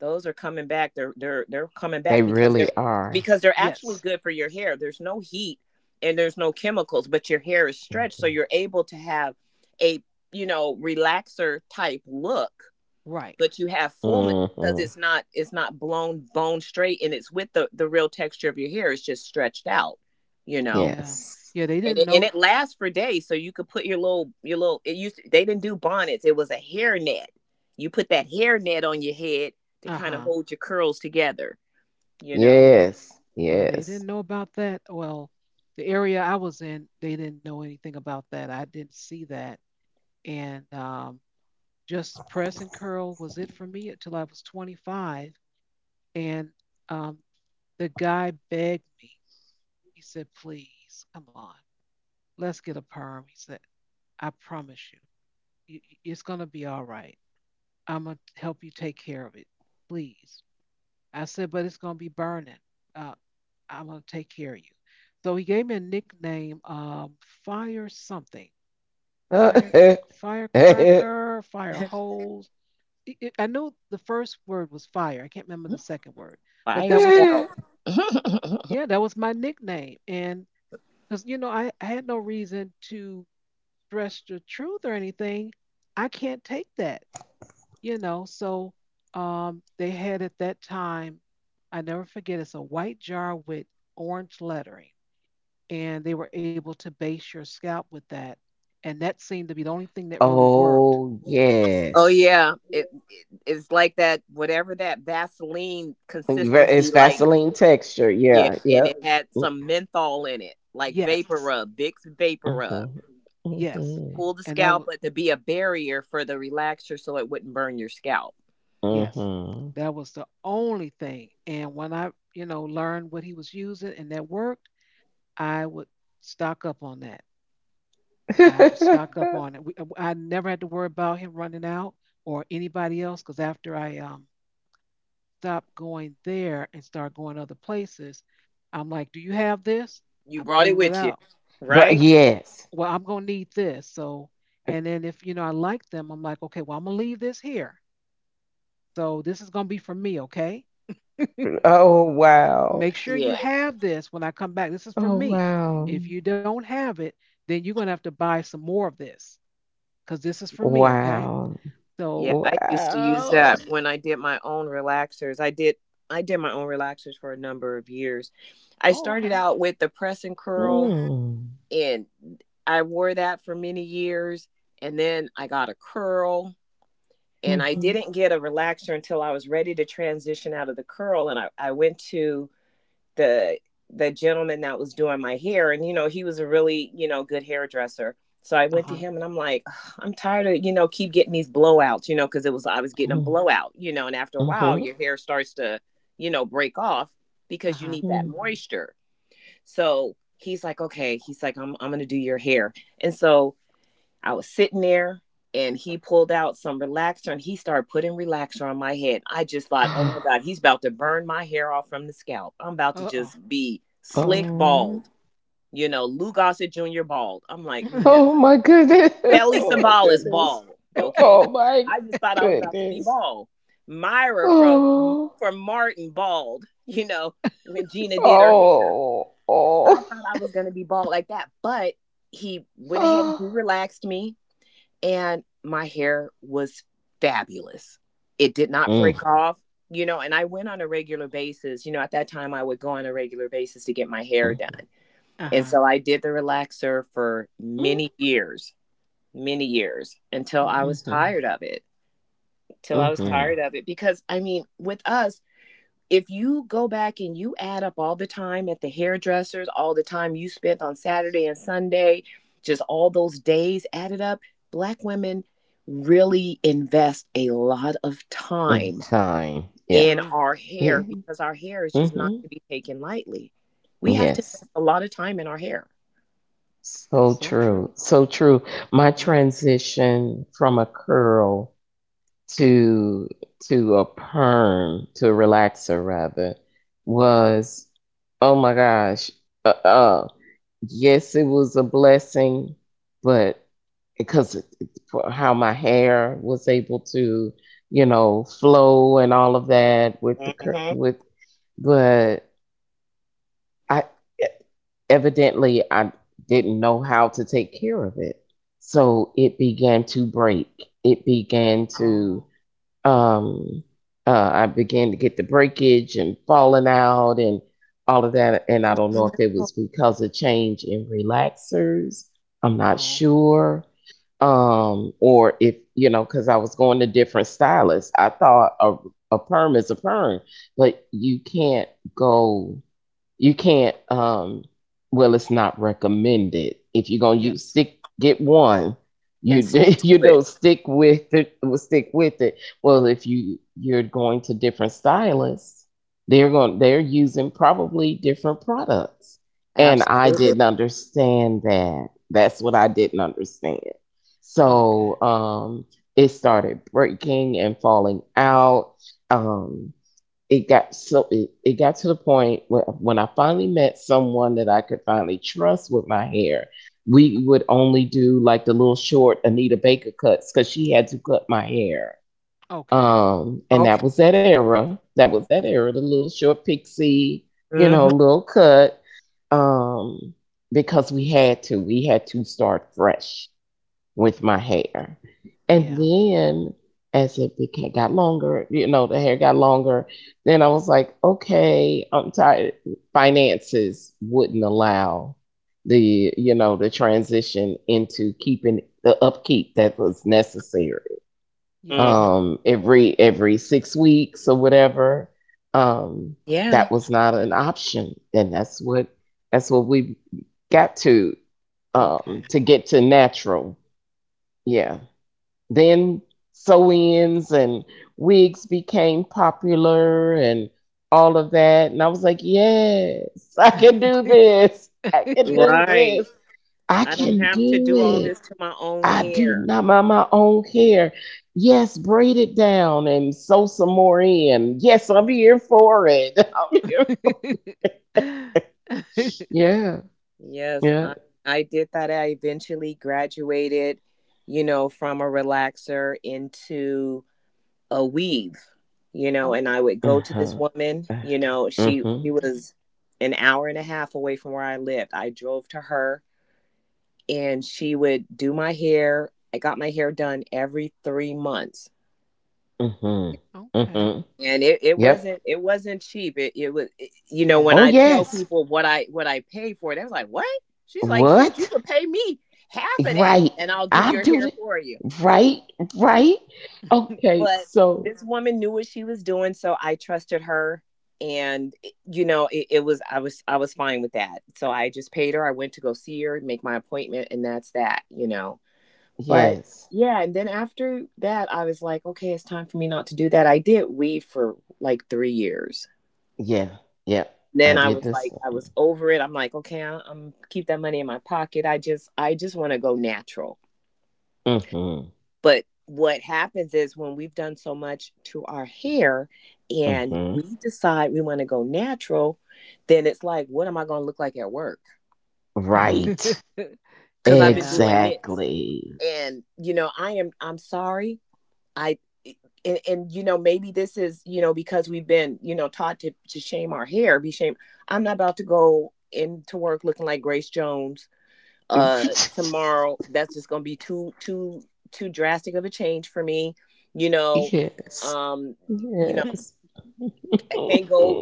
Speaker 2: those are coming back. They're coming
Speaker 3: they
Speaker 2: back
Speaker 3: really are.
Speaker 2: because they're actually
Speaker 1: Yes.
Speaker 2: good for your hair. There's no heat and there's no chemicals, but your hair is stretched so
Speaker 3: Mhm.
Speaker 2: you're able to have a, you know, relaxer type look,
Speaker 1: Right.
Speaker 2: but you have fullness because
Speaker 3: Mhm.
Speaker 2: it's not blown bone straight, and it's with the real texture of your hair. It's just stretched out, you know.
Speaker 1: Yeah.
Speaker 3: Yes.
Speaker 1: Yeah, they
Speaker 2: And
Speaker 1: didn't
Speaker 2: it, and
Speaker 1: know.
Speaker 2: it lasts for days. So you could put your little It used to, they didn't do bonnets. It was a hair net. You put that hair net on your head to kind of
Speaker 1: Uh-huh.
Speaker 2: hold your curls together. You know,
Speaker 1: Yeah.
Speaker 3: Yes.
Speaker 1: Yeah, they
Speaker 3: Yes.
Speaker 1: didn't know about that. Well, the area I was in, they didn't know anything about that. I didn't see that. And Just press and curl was it for me until I was 25. And um, the guy begged me. He said, please, come on, let's get a perm. He said, I promise you, it's going to be all right. I'm going to help you take care of it. Please. I said, but it's going to be burning. Uh, I'm going to take care of you. So he gave me a nickname, Fire something, Fire Firecracker, Fire Hose. I knew the first word was fire. I can't remember the second word, but
Speaker 2: fire
Speaker 1: that was
Speaker 2: scalp.
Speaker 1: yeah, that was my nickname. And because you know, I had no reason to stress the truth or anything. I can't take that, you know. So they had at that time, I never forget. It's a white jar with orange lettering and they were able to base your scalp with that. And that seemed to be the only thing that really worked.
Speaker 3: Oh,
Speaker 2: Oh
Speaker 3: yes.
Speaker 2: yeah, it it-'s like that whatever that Vaseline consistency
Speaker 3: It's
Speaker 2: like.
Speaker 3: Vaseline texture.
Speaker 2: Yeah,
Speaker 3: Yeah.
Speaker 2: and
Speaker 3: Yep.
Speaker 2: it had some menthol in it, like vapor
Speaker 1: Yes,
Speaker 2: rub, Vicks vapor rub.
Speaker 3: Mhm.
Speaker 1: yes.
Speaker 3: Mhm.
Speaker 2: Cool the
Speaker 1: And that was,
Speaker 2: scalp, but to be a barrier for the relaxer, so it wouldn't burn your scalp.
Speaker 1: yes,
Speaker 3: Mhm.
Speaker 1: that was the only thing. And when I, you know, learned what he was using and that worked, I would stock up on that. I would stock up on it. We, I never had to worry about him running out or anybody else because after I stopped going there and started going other places, I'm like, do you have this?
Speaker 2: You
Speaker 1: I
Speaker 2: brought
Speaker 1: pull
Speaker 2: it
Speaker 1: it
Speaker 2: with
Speaker 1: out.
Speaker 2: you,
Speaker 3: But
Speaker 2: right?
Speaker 3: yes.
Speaker 1: Well, I'm gonna need this. So, and then if you know I like them, I'm like, okay, well, I'm gonna leave this here. So this is gonna be for me, okay?
Speaker 3: Oh wow.
Speaker 1: Make sure
Speaker 2: Yeah.
Speaker 1: you have this when I come back. This is for
Speaker 3: Oh
Speaker 1: me.
Speaker 3: wow.
Speaker 1: If you don't have it, then you're gonna have to buy some more of this because this is for me, okay?
Speaker 3: Wow.
Speaker 2: Yeah.
Speaker 1: So,
Speaker 2: I used to use
Speaker 3: Wow.
Speaker 2: that when I did my own relaxers. I did my own relaxers for a number of years. I
Speaker 1: oh,
Speaker 2: started
Speaker 1: okay.
Speaker 2: out with the press and curl
Speaker 3: Mm.
Speaker 2: and I wore that for many years, and then I got a curl, and I
Speaker 3: Mhm.
Speaker 2: didn't get a relaxer until I was ready to transition out of the curl, and I went to the the gentleman that was doing my hair, and you know he was a really, you know, good hairdresser. So I
Speaker 1: Uh
Speaker 2: went to
Speaker 1: huh.
Speaker 2: him and I'm like, I'm tired of, you know, keep getting these blowouts, you know, because it was I was getting a
Speaker 3: Mhm.
Speaker 2: blowout, you know, and after a while
Speaker 3: Mhm.
Speaker 2: your hair starts to, you know, break off
Speaker 1: Uh
Speaker 2: because you
Speaker 1: huh.
Speaker 2: need that
Speaker 3: Mhm.
Speaker 2: moisture. So he's like, okay, he's like, I'm gonna do your hair. And so I was sitting there, and he pulled out some relaxer and he started putting relaxer on my head. I just thought, oh my God, he's about to burn my hair off from the scalp. I'm about to
Speaker 1: Uh oh.
Speaker 2: just be slick
Speaker 3: Oh.
Speaker 2: bald, you know, Lou Gossett Jr. bald. I'm like, no.
Speaker 3: Oh my goodness.
Speaker 2: Kelly
Speaker 3: Oh my
Speaker 2: Savalas is
Speaker 3: goodness.
Speaker 2: bald. Okay.
Speaker 3: Oh my
Speaker 2: I just thought I was about to be
Speaker 3: goodness.
Speaker 2: bald. Myra from
Speaker 3: Oh.
Speaker 2: from Martin bald, when Gina did her hair.
Speaker 3: Oh.
Speaker 2: I
Speaker 3: Oh.
Speaker 2: thought I was gonna be bald like that. But he went ahead and
Speaker 3: Mm,
Speaker 2: he relaxed me, and my hair was fabulous. It did not
Speaker 3: mm,
Speaker 2: break off, you know, and I went on a regular basis. You know, at that time I would go on a regular basis to get my hair done.
Speaker 1: Uh
Speaker 2: And
Speaker 1: huh.
Speaker 2: so I did the relaxer for
Speaker 3: mm,
Speaker 2: many years, many years, until I
Speaker 1: Hmm.
Speaker 2: was
Speaker 3: mm,
Speaker 2: tired of it. Till I was
Speaker 1: Okay.
Speaker 3: mm,
Speaker 2: tired of it, because I mean, with us, if you go back and you add up all the time at the hairdressers, all the time you spent on Saturday and Sunday, just all those days added up, black women really invest a lot of
Speaker 3: mm.
Speaker 2: time
Speaker 3: Time. Yeah.
Speaker 2: in
Speaker 1: True.
Speaker 2: our
Speaker 3: Yeah.
Speaker 2: hair, because our hair is just not
Speaker 3: Hmm.
Speaker 2: to be taken lightly. We have to
Speaker 3: Yes.
Speaker 2: invest a lot of time in our hair
Speaker 1: That's
Speaker 3: So
Speaker 1: so true.
Speaker 3: true. So true. My
Speaker 1: Yeah.
Speaker 3: transition from a curl to a perm, to a relaxer rather, was, oh my gosh. Uh, uh yes, it was a blessing, but because for how my hair was able to, flow and all of that with the cur-
Speaker 2: hmm
Speaker 3: with, but I evidently I didn't know how to take care of it, so it began to break. It began
Speaker 1: Oh.
Speaker 3: to um, I began to get the breakage and falling out and all of that. And I don't know if it was because of change in relaxers. I'm not
Speaker 1: Oh.
Speaker 3: sure. Or if, because I was going to different stylists. I thought a perm is a perm, but you can't go. You can't. Well, it's not recommended. If you're gonna use
Speaker 1: Yes.
Speaker 3: stick, get one.
Speaker 2: and
Speaker 3: You
Speaker 2: stick
Speaker 3: you
Speaker 2: to
Speaker 3: know
Speaker 2: it.
Speaker 3: stick with it. Stick with it. Well, if you're going to different stylists, they're using probably different products. And I
Speaker 2: Absolutely.
Speaker 3: didn't understand that. That's what I didn't understand.
Speaker 1: Okay.
Speaker 3: So it started breaking and falling out. Um, it got to the point where, when I finally met someone that I could finally trust with my hair, we would only do like the little short Anita Baker cuts, because she had to cut my hair.
Speaker 1: Okay.
Speaker 3: And that
Speaker 2: Okay.
Speaker 3: was that era. That was that era, the little short pixie,
Speaker 2: hmm
Speaker 3: little cut. Um, because we had to, start fresh with my hair. And
Speaker 1: Yeah.
Speaker 3: then as it became got longer, the hair got longer, then I was like, okay, I'm tired. Finances wouldn't allow the transition into keeping the upkeep that was necessary.
Speaker 2: hmm
Speaker 1: Yes.
Speaker 3: Every 6 weeks or whatever. Um,
Speaker 2: Yeah.
Speaker 3: that was not an option. And that's what we got
Speaker 1: Okay.
Speaker 3: to get to natural. Yeah. Then sew ins and wigs became popular and all of that. And I was like, yes, I can do this. I can do
Speaker 2: Right.
Speaker 3: this. I
Speaker 2: I don't
Speaker 3: can
Speaker 2: have to
Speaker 3: do
Speaker 2: do all
Speaker 3: it.
Speaker 2: this to my own
Speaker 3: I do
Speaker 2: hair.
Speaker 3: not, my own hair. Yes, braid it down and sew some more in. Yes, I'm here for it. I'm here. Yeah,
Speaker 2: Yes,
Speaker 3: yeah.
Speaker 2: I did that. I eventually graduated you know, from a relaxer into a weave, you know, and
Speaker 1: Oh,
Speaker 2: I would go to this
Speaker 3: Uh-huh.
Speaker 2: woman. You
Speaker 3: Uh
Speaker 2: know,
Speaker 3: huh.
Speaker 2: she
Speaker 1: mhm.
Speaker 2: was an hour and a half away from where I lived. I drove to her, and she would do my hair. I got my hair done every 3 months.
Speaker 3: Uh huh.
Speaker 1: Okay.
Speaker 3: Mm-hmm.
Speaker 2: And it
Speaker 3: Yep.
Speaker 2: wasn't, it wasn't cheap. It was you know,
Speaker 1: Yeah.
Speaker 2: when
Speaker 3: Oh
Speaker 2: I tell
Speaker 3: yes.
Speaker 2: people what I pay for it, they was like, what? She's like, shoot, you
Speaker 3: What?
Speaker 2: could pay me half of that
Speaker 3: Right.
Speaker 2: and I'll do
Speaker 3: I
Speaker 2: your
Speaker 3: do
Speaker 2: hair
Speaker 3: it.
Speaker 2: for you.
Speaker 3: Right. Right. Okay,
Speaker 2: But
Speaker 3: so
Speaker 2: this woman knew what she was doing, so I trusted her. And you know, it was, I was fine with that, so I just paid her. I went to go see her, make my appointment, and that's that, you know. But
Speaker 3: yes.
Speaker 2: yeah, and then after that I was like, okay, it's time for me not to do that. I did weave for like 3 years,
Speaker 3: Yeah. Yep. I
Speaker 2: then I
Speaker 3: did
Speaker 2: was
Speaker 1: Okay.
Speaker 3: this.
Speaker 2: like, I was over it. I'm like, okay, I'm keep that money in my pocket. I just want to go natural.
Speaker 3: Mm-hmm.
Speaker 2: But what happens is, when we've done so much to our hair, and
Speaker 3: Mm-hmm.
Speaker 2: we decide we want to go natural, then it's like, what am I going to look like at work?
Speaker 3: Right.
Speaker 2: Because I've been
Speaker 1: Yeah.
Speaker 2: doing this,
Speaker 3: Exactly.
Speaker 2: and you know, I am. I'm sorry. I eh, and, you know, maybe this is, you know, because we've been, you know, taught to shame our hair, be shame. I'm not about to go into work looking like Grace Jones uh
Speaker 3: Yes.
Speaker 2: tomorrow. That's just gonna be too too drastic of a change for me, you know.
Speaker 3: Yes.
Speaker 2: um you know, I can't go.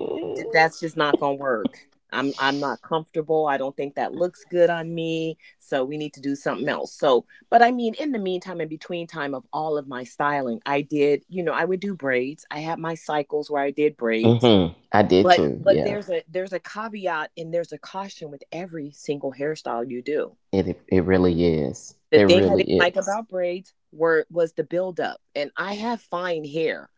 Speaker 2: That's just not gonna work. I'm not comfortable. I don't think that looks good on me, so we need to do something else. So but I mean, in the meantime, in between time of all of my styling, I did, you know, I would do braids. I had my cycles where I did braids.
Speaker 3: Mm-hmm. I did
Speaker 2: But
Speaker 3: too. Yeah.
Speaker 2: there's a, there's a caveat, and there's a caution with every single hairstyle you do.
Speaker 3: It really is.
Speaker 2: The
Speaker 3: There
Speaker 2: thing I
Speaker 3: really
Speaker 2: didn't like
Speaker 3: is.
Speaker 2: about braids were was the buildup. And I have fine hair.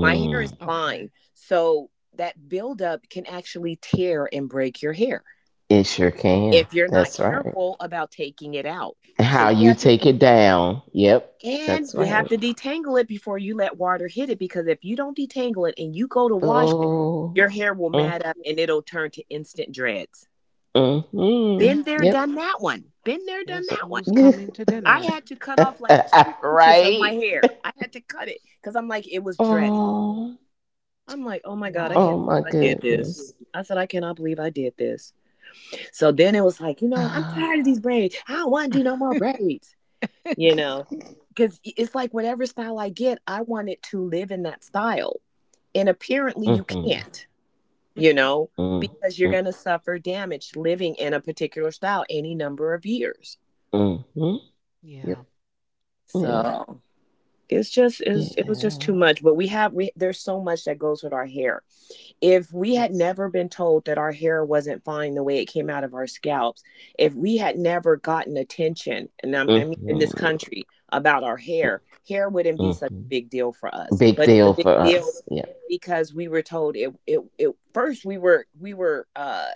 Speaker 2: My hair is fine.
Speaker 1: Okay.
Speaker 2: So that buildup can actually tear and break your hair
Speaker 3: It sure can.
Speaker 2: if you're not
Speaker 3: That's right.
Speaker 2: careful about taking it out. So
Speaker 3: How
Speaker 2: you
Speaker 3: you
Speaker 2: have to
Speaker 3: take
Speaker 2: be,
Speaker 3: it down. Yep.
Speaker 2: and
Speaker 3: That's
Speaker 2: you have
Speaker 3: right.
Speaker 2: to detangle it before you let water hit it, because if you don't detangle it and you go to wash it,
Speaker 1: Ri-
Speaker 3: Oh.
Speaker 2: your hair will
Speaker 3: Mm,
Speaker 2: mat up and it'll turn to instant dreads.
Speaker 3: mm, mm.
Speaker 2: Been there,
Speaker 3: Yep.
Speaker 2: done that one. Been there, done
Speaker 1: Guess
Speaker 2: that
Speaker 1: who's
Speaker 2: one.
Speaker 1: coming to
Speaker 2: I
Speaker 1: dinner?
Speaker 2: had to cut off like two inches of my
Speaker 3: Right?
Speaker 2: hair. I had to cut it, because I'm like, it was dreaded.
Speaker 3: Oh.
Speaker 2: I'm like, oh my God, I
Speaker 3: Oh
Speaker 2: can't
Speaker 1: Wow.
Speaker 2: believe
Speaker 3: my
Speaker 2: I did this.
Speaker 3: goodness.
Speaker 2: I said, I cannot believe I did this. So then it was like, you know what? I'm
Speaker 3: Mm-hmm.
Speaker 2: tired of these braids. I don't want to do no more braids, you know? Because it's like, whatever style I get, I want it to live in that style. And apparently you can't, you know,
Speaker 3: Mm,
Speaker 2: because you're
Speaker 3: mm,
Speaker 2: going to suffer damage living in a particular style any number of years.
Speaker 3: mm-hmm. Yep.
Speaker 1: Yeah.
Speaker 3: Yeah.
Speaker 2: So it's just, it was just too
Speaker 3: Yeah.
Speaker 2: much. But we have we there's so much that goes with our hair. If we had
Speaker 1: Yes.
Speaker 2: never been told that our hair wasn't fine the way it came out of our scalps, if we had never gotten attention, and I mean in
Speaker 3: Mm-hmm.
Speaker 2: this country, about our hair, hair wouldn't be such a big
Speaker 3: Mm-hmm.
Speaker 2: deal for us.
Speaker 3: Big
Speaker 2: But it's a
Speaker 3: deal
Speaker 2: big
Speaker 3: for
Speaker 2: deal,
Speaker 3: us. Yep.
Speaker 2: because we were told it, it first, we were, we were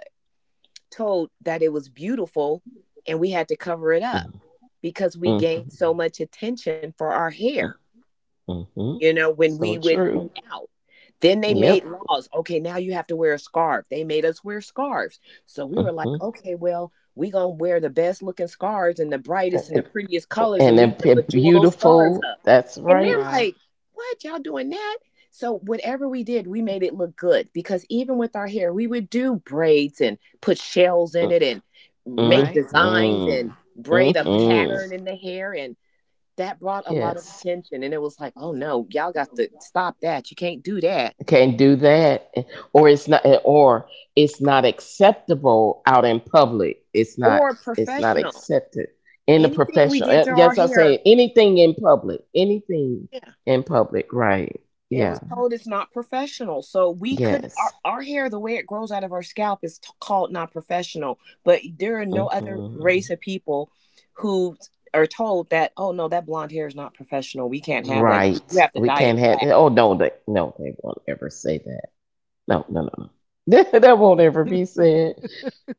Speaker 2: told that it was beautiful and we had to cover it
Speaker 3: Mm,
Speaker 2: up, because we
Speaker 3: mm-hmm.
Speaker 2: gained so much attention for our hair,
Speaker 3: Mm-hmm.
Speaker 2: you know, when we
Speaker 3: So
Speaker 2: would be
Speaker 3: true.
Speaker 2: out. Then they made
Speaker 3: Yep.
Speaker 2: laws. Okay, now you have to wear a scarf. They made us wear scarves. So we were like,
Speaker 3: Mm-hmm.
Speaker 2: okay, well, we gonna wear the best looking scarves and the brightest and the prettiest colors, and
Speaker 3: And
Speaker 2: we gonna
Speaker 3: a
Speaker 2: bejewel those scarves
Speaker 3: beautiful.
Speaker 2: up.
Speaker 3: That's
Speaker 2: And
Speaker 3: right.
Speaker 2: they're
Speaker 1: Right.
Speaker 2: like, what y'all doing that? So whatever we did, we made it look good, because even with our hair, we would do braids and put shells in it and make
Speaker 1: Right.
Speaker 2: designs
Speaker 3: Mm-hmm.
Speaker 2: and braid a
Speaker 3: Mm-hmm.
Speaker 2: pattern
Speaker 1: Beads.
Speaker 2: in the hair. And that brought a lot of
Speaker 3: Yes.
Speaker 2: attention, and it was like, oh no, y'all got to stop that, you can't do that,
Speaker 3: Can't do that. Or it's not acceptable out in public. It's not
Speaker 2: or
Speaker 3: it's not
Speaker 2: professional.
Speaker 3: accepted in the
Speaker 2: Anything we
Speaker 3: professional.
Speaker 2: did to our
Speaker 3: Yes, I'm saying
Speaker 2: hair,
Speaker 3: anything in public. Anything
Speaker 2: yeah,
Speaker 3: in public, right.
Speaker 2: it
Speaker 3: Yeah.
Speaker 2: was told it's not professional. So we could,
Speaker 3: Yes.
Speaker 2: our, hair, the way it grows out of our scalp is called not professional. But there are no other race
Speaker 3: Hmm.
Speaker 2: of people who are told that, oh no, that blonde hair is not professional, we can't have that, you
Speaker 3: Right.
Speaker 2: have to
Speaker 3: We
Speaker 2: dye
Speaker 3: can't
Speaker 2: it
Speaker 3: have
Speaker 2: black.
Speaker 3: that. Oh no, they, no, they won't ever say that. No, no, no. No. That won't ever be said.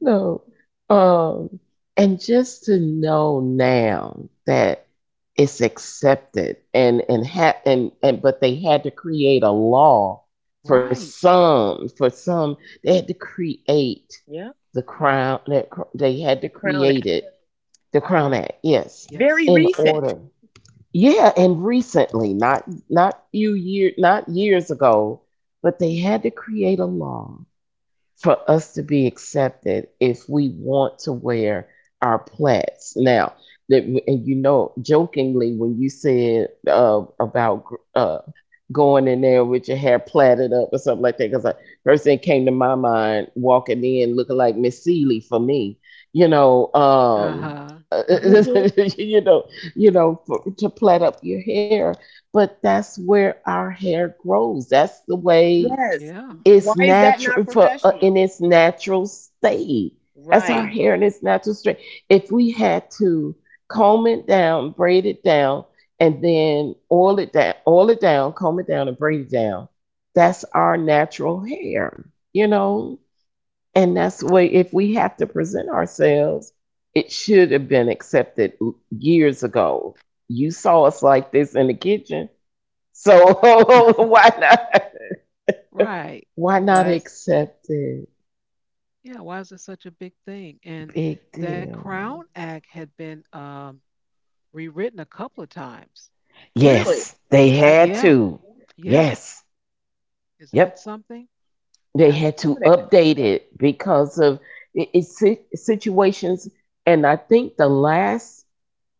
Speaker 3: No. Um, and just to know now that it's accepted and but they had to create a law for
Speaker 1: Right.
Speaker 3: some for some they had to create
Speaker 2: Yeah,
Speaker 3: the they had to
Speaker 2: the Crown
Speaker 3: create
Speaker 2: Act.
Speaker 3: it, the Crown
Speaker 1: Right.
Speaker 3: Act, yes,
Speaker 1: Yes.
Speaker 2: Very
Speaker 3: in
Speaker 2: recent.
Speaker 3: order. Yeah, and recently, not few years, not years ago, but they had to create a law for us to be accepted if we want to wear our plaits. Now, that— and you know, jokingly when you said about uh, going in there with your hair plaited up or something like that, because the first thing came to my mind walking in looking like Miss Seeley, for me, you know.
Speaker 1: Uh huh.
Speaker 2: Mhm.
Speaker 3: You know, you know, for, to plait up your hair, but that's where our hair grows. That's the way
Speaker 2: Yes.
Speaker 1: Yeah.
Speaker 2: Why
Speaker 3: it's
Speaker 1: This
Speaker 2: is
Speaker 1: does.
Speaker 2: that not
Speaker 3: natural for
Speaker 2: professional?
Speaker 3: in its natural state. That's our
Speaker 2: Right,
Speaker 1: Right.
Speaker 3: hair in its natural state. If we had to comb it down, braid it down, and then oil it down, comb it down, and braid it down, that's our natural hair, you know. And that's the way if we have to present ourselves, it should have been accepted years ago. You saw us like this in the kitchen, so why not?
Speaker 1: Right.
Speaker 3: Why not
Speaker 1: Why?
Speaker 2: right.
Speaker 3: accept it?
Speaker 1: Yeah, why is it such a big thing? And
Speaker 3: Big
Speaker 1: that
Speaker 3: deal.
Speaker 1: Crown Act had been rewritten a couple of times.
Speaker 2: Really?
Speaker 3: Yes, they
Speaker 2: I,
Speaker 3: had
Speaker 1: Yeah,
Speaker 3: to.
Speaker 1: yeah.
Speaker 3: Yes.
Speaker 1: Isn't that
Speaker 3: Yep.
Speaker 1: something?
Speaker 3: They
Speaker 2: I didn't
Speaker 3: had to
Speaker 2: know that.
Speaker 3: update it because of situations. And I think the last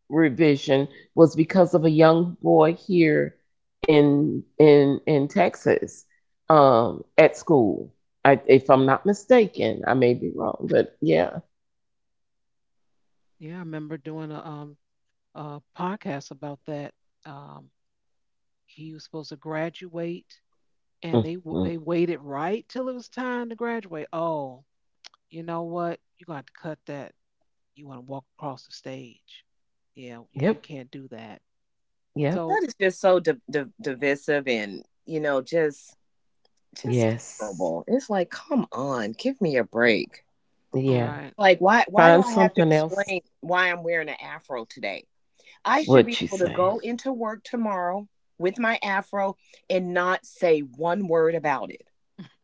Speaker 3: revision was because of a young boy here in Texas, at school. I, if I'm not mistaken, I may be wrong, but yeah.
Speaker 1: Yeah, I remember doing a podcast about that. Um, he was supposed to graduate, and they
Speaker 3: Mhm.
Speaker 1: they waited right till it was time to graduate. Oh, you know what? You're gonna have to cut that. You want to walk across the stage? Yeah, you
Speaker 3: Yep.
Speaker 1: can't do that.
Speaker 3: Yep.
Speaker 1: So,
Speaker 2: That is just so div divisive, and, you know, just
Speaker 3: Yes.
Speaker 2: terrible. It's like, come on, give me a break.
Speaker 3: Yeah.
Speaker 1: right.
Speaker 2: Like, why do
Speaker 3: Find
Speaker 2: I have to
Speaker 3: something else.
Speaker 2: explain why I'm wearing an afro today? I should be
Speaker 3: What you
Speaker 2: able to
Speaker 3: say?
Speaker 2: go into work tomorrow with my afro and not say one word about it.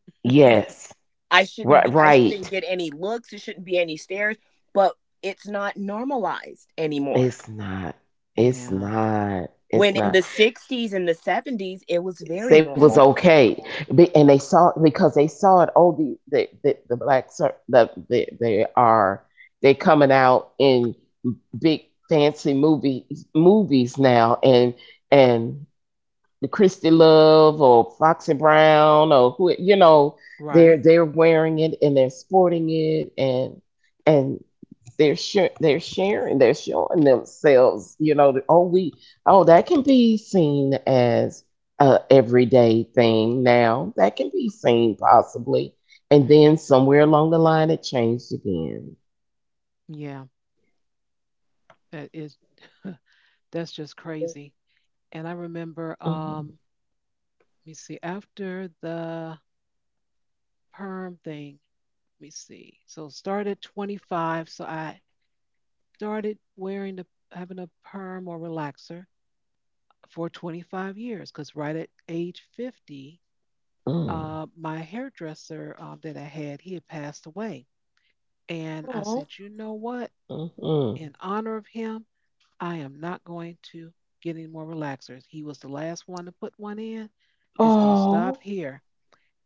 Speaker 3: Yes. Right.
Speaker 2: I shouldn't
Speaker 3: Right.
Speaker 2: get any looks, it shouldn't be any stares, but it's not normalized anymore.
Speaker 3: It's not. It's
Speaker 1: Yeah,
Speaker 3: not. It's
Speaker 2: When in
Speaker 3: not.
Speaker 2: the 60s and the 70s, it was very
Speaker 3: They was
Speaker 2: normal.
Speaker 3: okay. And they saw it, because they saw it. Oh, the black they are, they coming out in big fancy movies now, and the Christy Love or Foxy Brown or who, you know,
Speaker 1: right.
Speaker 3: they're wearing it and they're sporting it and they're sharing, they're showing themselves, you know, that oh we— oh, that can be seen as a everyday thing now, that can be seen possibly, and
Speaker 1: Hmm.
Speaker 3: then somewhere along the line it changed again.
Speaker 1: Yeah, that is that's just crazy. And I remember
Speaker 3: Hmm.
Speaker 1: um Let me see, after the perm thing, let me see. So started 25, so I started wearing the having a perm or relaxer for 25 years cuz right at age 50,
Speaker 3: Mm-hmm.
Speaker 1: my hairdresser that I had, he had passed away. And I
Speaker 2: Oh.
Speaker 1: said, "You know what?
Speaker 3: Mm-hmm.
Speaker 1: In honor of him, I am not going to get any more relaxers. He was the last one to put one in. It's going to stop
Speaker 3: Oh.
Speaker 1: here.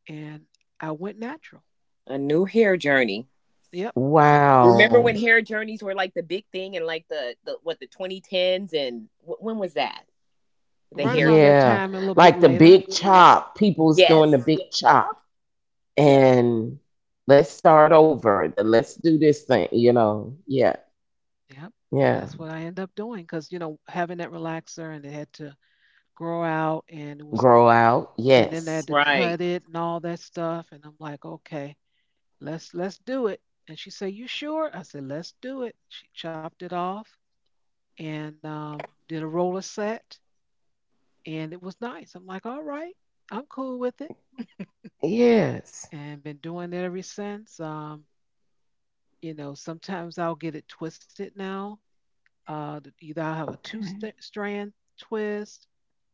Speaker 1: And I went natural.
Speaker 2: A new hair journey.
Speaker 1: Yep.
Speaker 2: Remember
Speaker 3: Wow.
Speaker 2: when hair journeys were like the big thing in like the what, the 2010s, and when was that? The
Speaker 1: Right
Speaker 2: hair
Speaker 1: around
Speaker 2: journey.
Speaker 1: that
Speaker 3: Yeah.
Speaker 1: time, a little bit
Speaker 3: Like the
Speaker 1: later.
Speaker 3: big chop. People's doing
Speaker 2: Yes.
Speaker 3: the big chop.
Speaker 1: Yes.
Speaker 3: And let's start over. Let's do this thing, you know. Yeah.
Speaker 1: Yep. And
Speaker 3: Yeah.
Speaker 1: that's what I end up doing because, you know, having that relaxer and it had to grow out and it was,
Speaker 3: Grow out.
Speaker 1: and then I
Speaker 3: Yes.
Speaker 1: had to
Speaker 2: Right.
Speaker 1: cut it and all that stuff. And I'm like, okay, let's do it. And she said, you sure? I said, let's do it. She chopped it off and did a roller set, and it was nice. I'm like, all right, I'm cool with it,
Speaker 3: Yes.
Speaker 1: and been doing it ever since. Sometimes I'll get it twisted now. Either I'll have a two
Speaker 3: Okay.
Speaker 1: st- strand twist.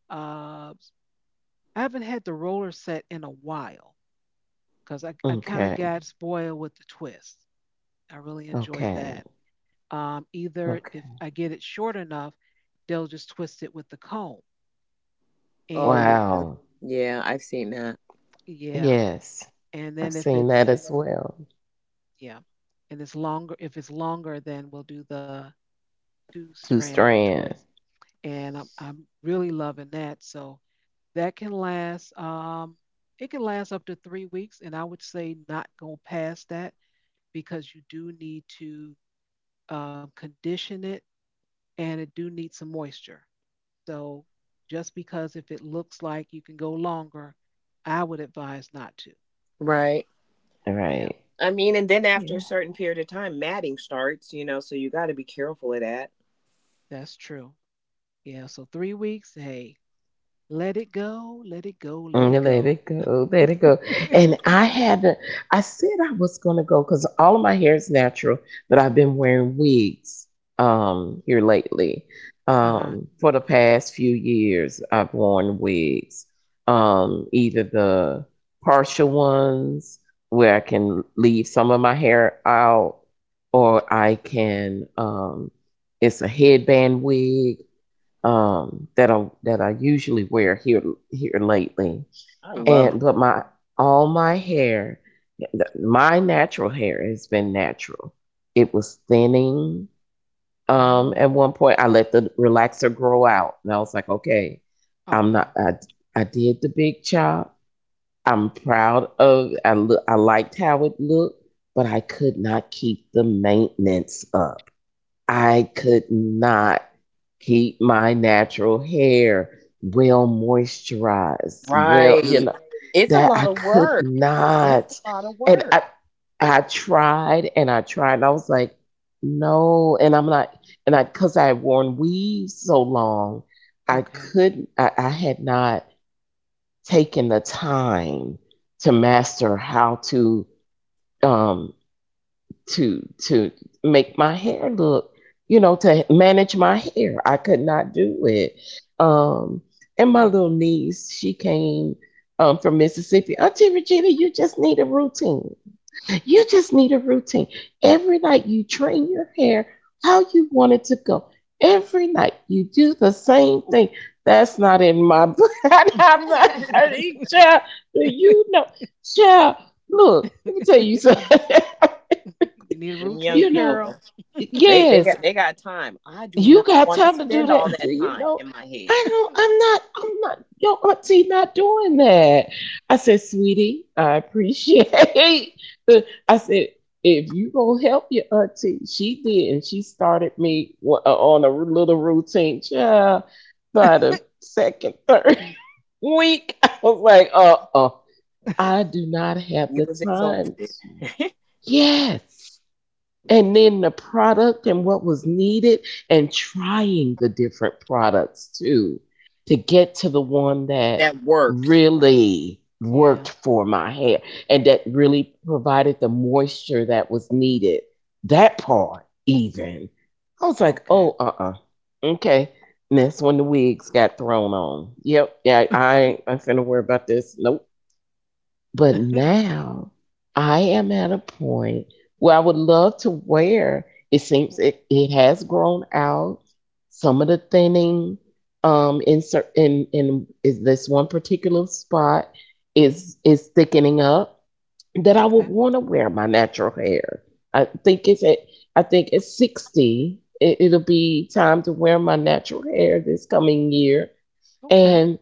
Speaker 1: Uh, s- I haven't had the roller set in a while because I kind of
Speaker 3: Okay.
Speaker 1: got spoiled with the twist. I really enjoyed
Speaker 3: Okay.
Speaker 1: that. Either if
Speaker 3: Okay.
Speaker 1: I get it short enough, they'll just twist it with the comb.
Speaker 2: Oh
Speaker 1: And
Speaker 2: yeah.
Speaker 3: Wow.
Speaker 2: Yeah, I've seen that.
Speaker 1: yeah,
Speaker 3: Yes.
Speaker 1: and
Speaker 3: I've
Speaker 1: then if
Speaker 3: seen that
Speaker 1: it's.
Speaker 3: as well.
Speaker 1: Yeah. And it's longer. If it's longer, then we'll do the two
Speaker 3: Two
Speaker 1: strand
Speaker 3: strand.
Speaker 1: twist. And I'm really loving that. So that can last, um, it can last up to 3 weeks. And I would say not go past that because you do need to condition it, and it do need some moisture. So just because if it looks like you can go longer, I would advise not to.
Speaker 2: Right.
Speaker 1: Yeah,
Speaker 3: Right.
Speaker 2: I mean, and then after a certain period of time, matting starts, you know, so you got to be careful of that.
Speaker 1: that's true. Yeah, so 3 weeks, hey, let it go, let it go, let it
Speaker 3: Mm. Let
Speaker 1: go.
Speaker 3: it go, let it go. And I had to— I said I was gonna go because all of my hair is natural, but I've been wearing wigs here lately.
Speaker 1: Uh huh.
Speaker 3: For the past few years, I've worn wigs. Either the partial ones where I can leave some of my hair out, or I can um, it's a headband wig that I usually wear here here lately.
Speaker 2: I love
Speaker 3: And
Speaker 2: it.
Speaker 1: Okay.
Speaker 3: but my— all my hair th- my natural hair has been natural, it was thinning, um,
Speaker 1: Oh.
Speaker 3: at one point I let the relaxer grow out and I was like, okay, I'm not—
Speaker 1: Okay.
Speaker 3: I, I did the big chop, I'm proud of— I, look, I liked how it looked, but I could not keep the maintenance up. I could not keep my natural hair well moisturized, well, you
Speaker 2: Right.
Speaker 3: know,
Speaker 2: It's a
Speaker 3: that
Speaker 2: lot
Speaker 3: I
Speaker 2: of
Speaker 3: could
Speaker 2: work. It's
Speaker 3: not.
Speaker 2: a lot of
Speaker 3: And
Speaker 2: work.
Speaker 3: I tried and I tried and I was like, no, and I'm not, and I, because I had worn weaves so long, I
Speaker 1: Okay.
Speaker 3: couldn't— I had not taken the time to master how to um, to to make my hair look, you know, to manage my hair. I could not do it, um, and my
Speaker 1: Hmm.
Speaker 3: little niece, she came, from Mississippi. Auntie Regina, you just need a routine, you just need a routine, every night you train your hair how you want it to go, every night you do the same thing. That's not in my book. I'm not hurting, child. Do you know, child? Look, let me tell you
Speaker 1: You
Speaker 3: something.
Speaker 1: need a
Speaker 2: Them young
Speaker 3: You
Speaker 1: routine,
Speaker 2: people.
Speaker 3: know.
Speaker 1: girl.
Speaker 2: They
Speaker 3: Yes,
Speaker 2: got, they got time. I do
Speaker 3: you
Speaker 2: not
Speaker 3: got
Speaker 2: want to
Speaker 3: time to do
Speaker 2: spend all
Speaker 3: that. Do
Speaker 2: that
Speaker 3: you
Speaker 2: time
Speaker 3: know?
Speaker 2: in my
Speaker 3: I
Speaker 2: head.
Speaker 3: know I'm not, your auntie not doing that. I said, sweetie, I appreciate, the, I said, if you gonna help your auntie— she did, and she started me on a little routine. Child, by the second, third week, I was like, uh-uh, I do not have
Speaker 2: You
Speaker 3: the
Speaker 2: was
Speaker 3: time.
Speaker 2: exhausted.
Speaker 3: Yes. And then the product and what was needed, and trying the different products too, to get to the one that
Speaker 2: That works.
Speaker 3: really
Speaker 1: Yeah.
Speaker 3: worked for my hair and that really provided the moisture that was needed. That part, even I was like,
Speaker 1: Okay.
Speaker 3: oh, uh-uh, okay. And that's when the wigs got thrown on. Yep. Yeah, i i ain't finna worry about this. Nope. But now I am at a point where I would love to wear. It seems it, it has grown out. Some of the thinning, in is this one particular spot, is thickening up, that I would
Speaker 1: Okay.
Speaker 3: want to wear my natural hair. I think it's at I think at 60 it, it'll be time to wear my natural hair this coming year.
Speaker 1: Okay.
Speaker 3: and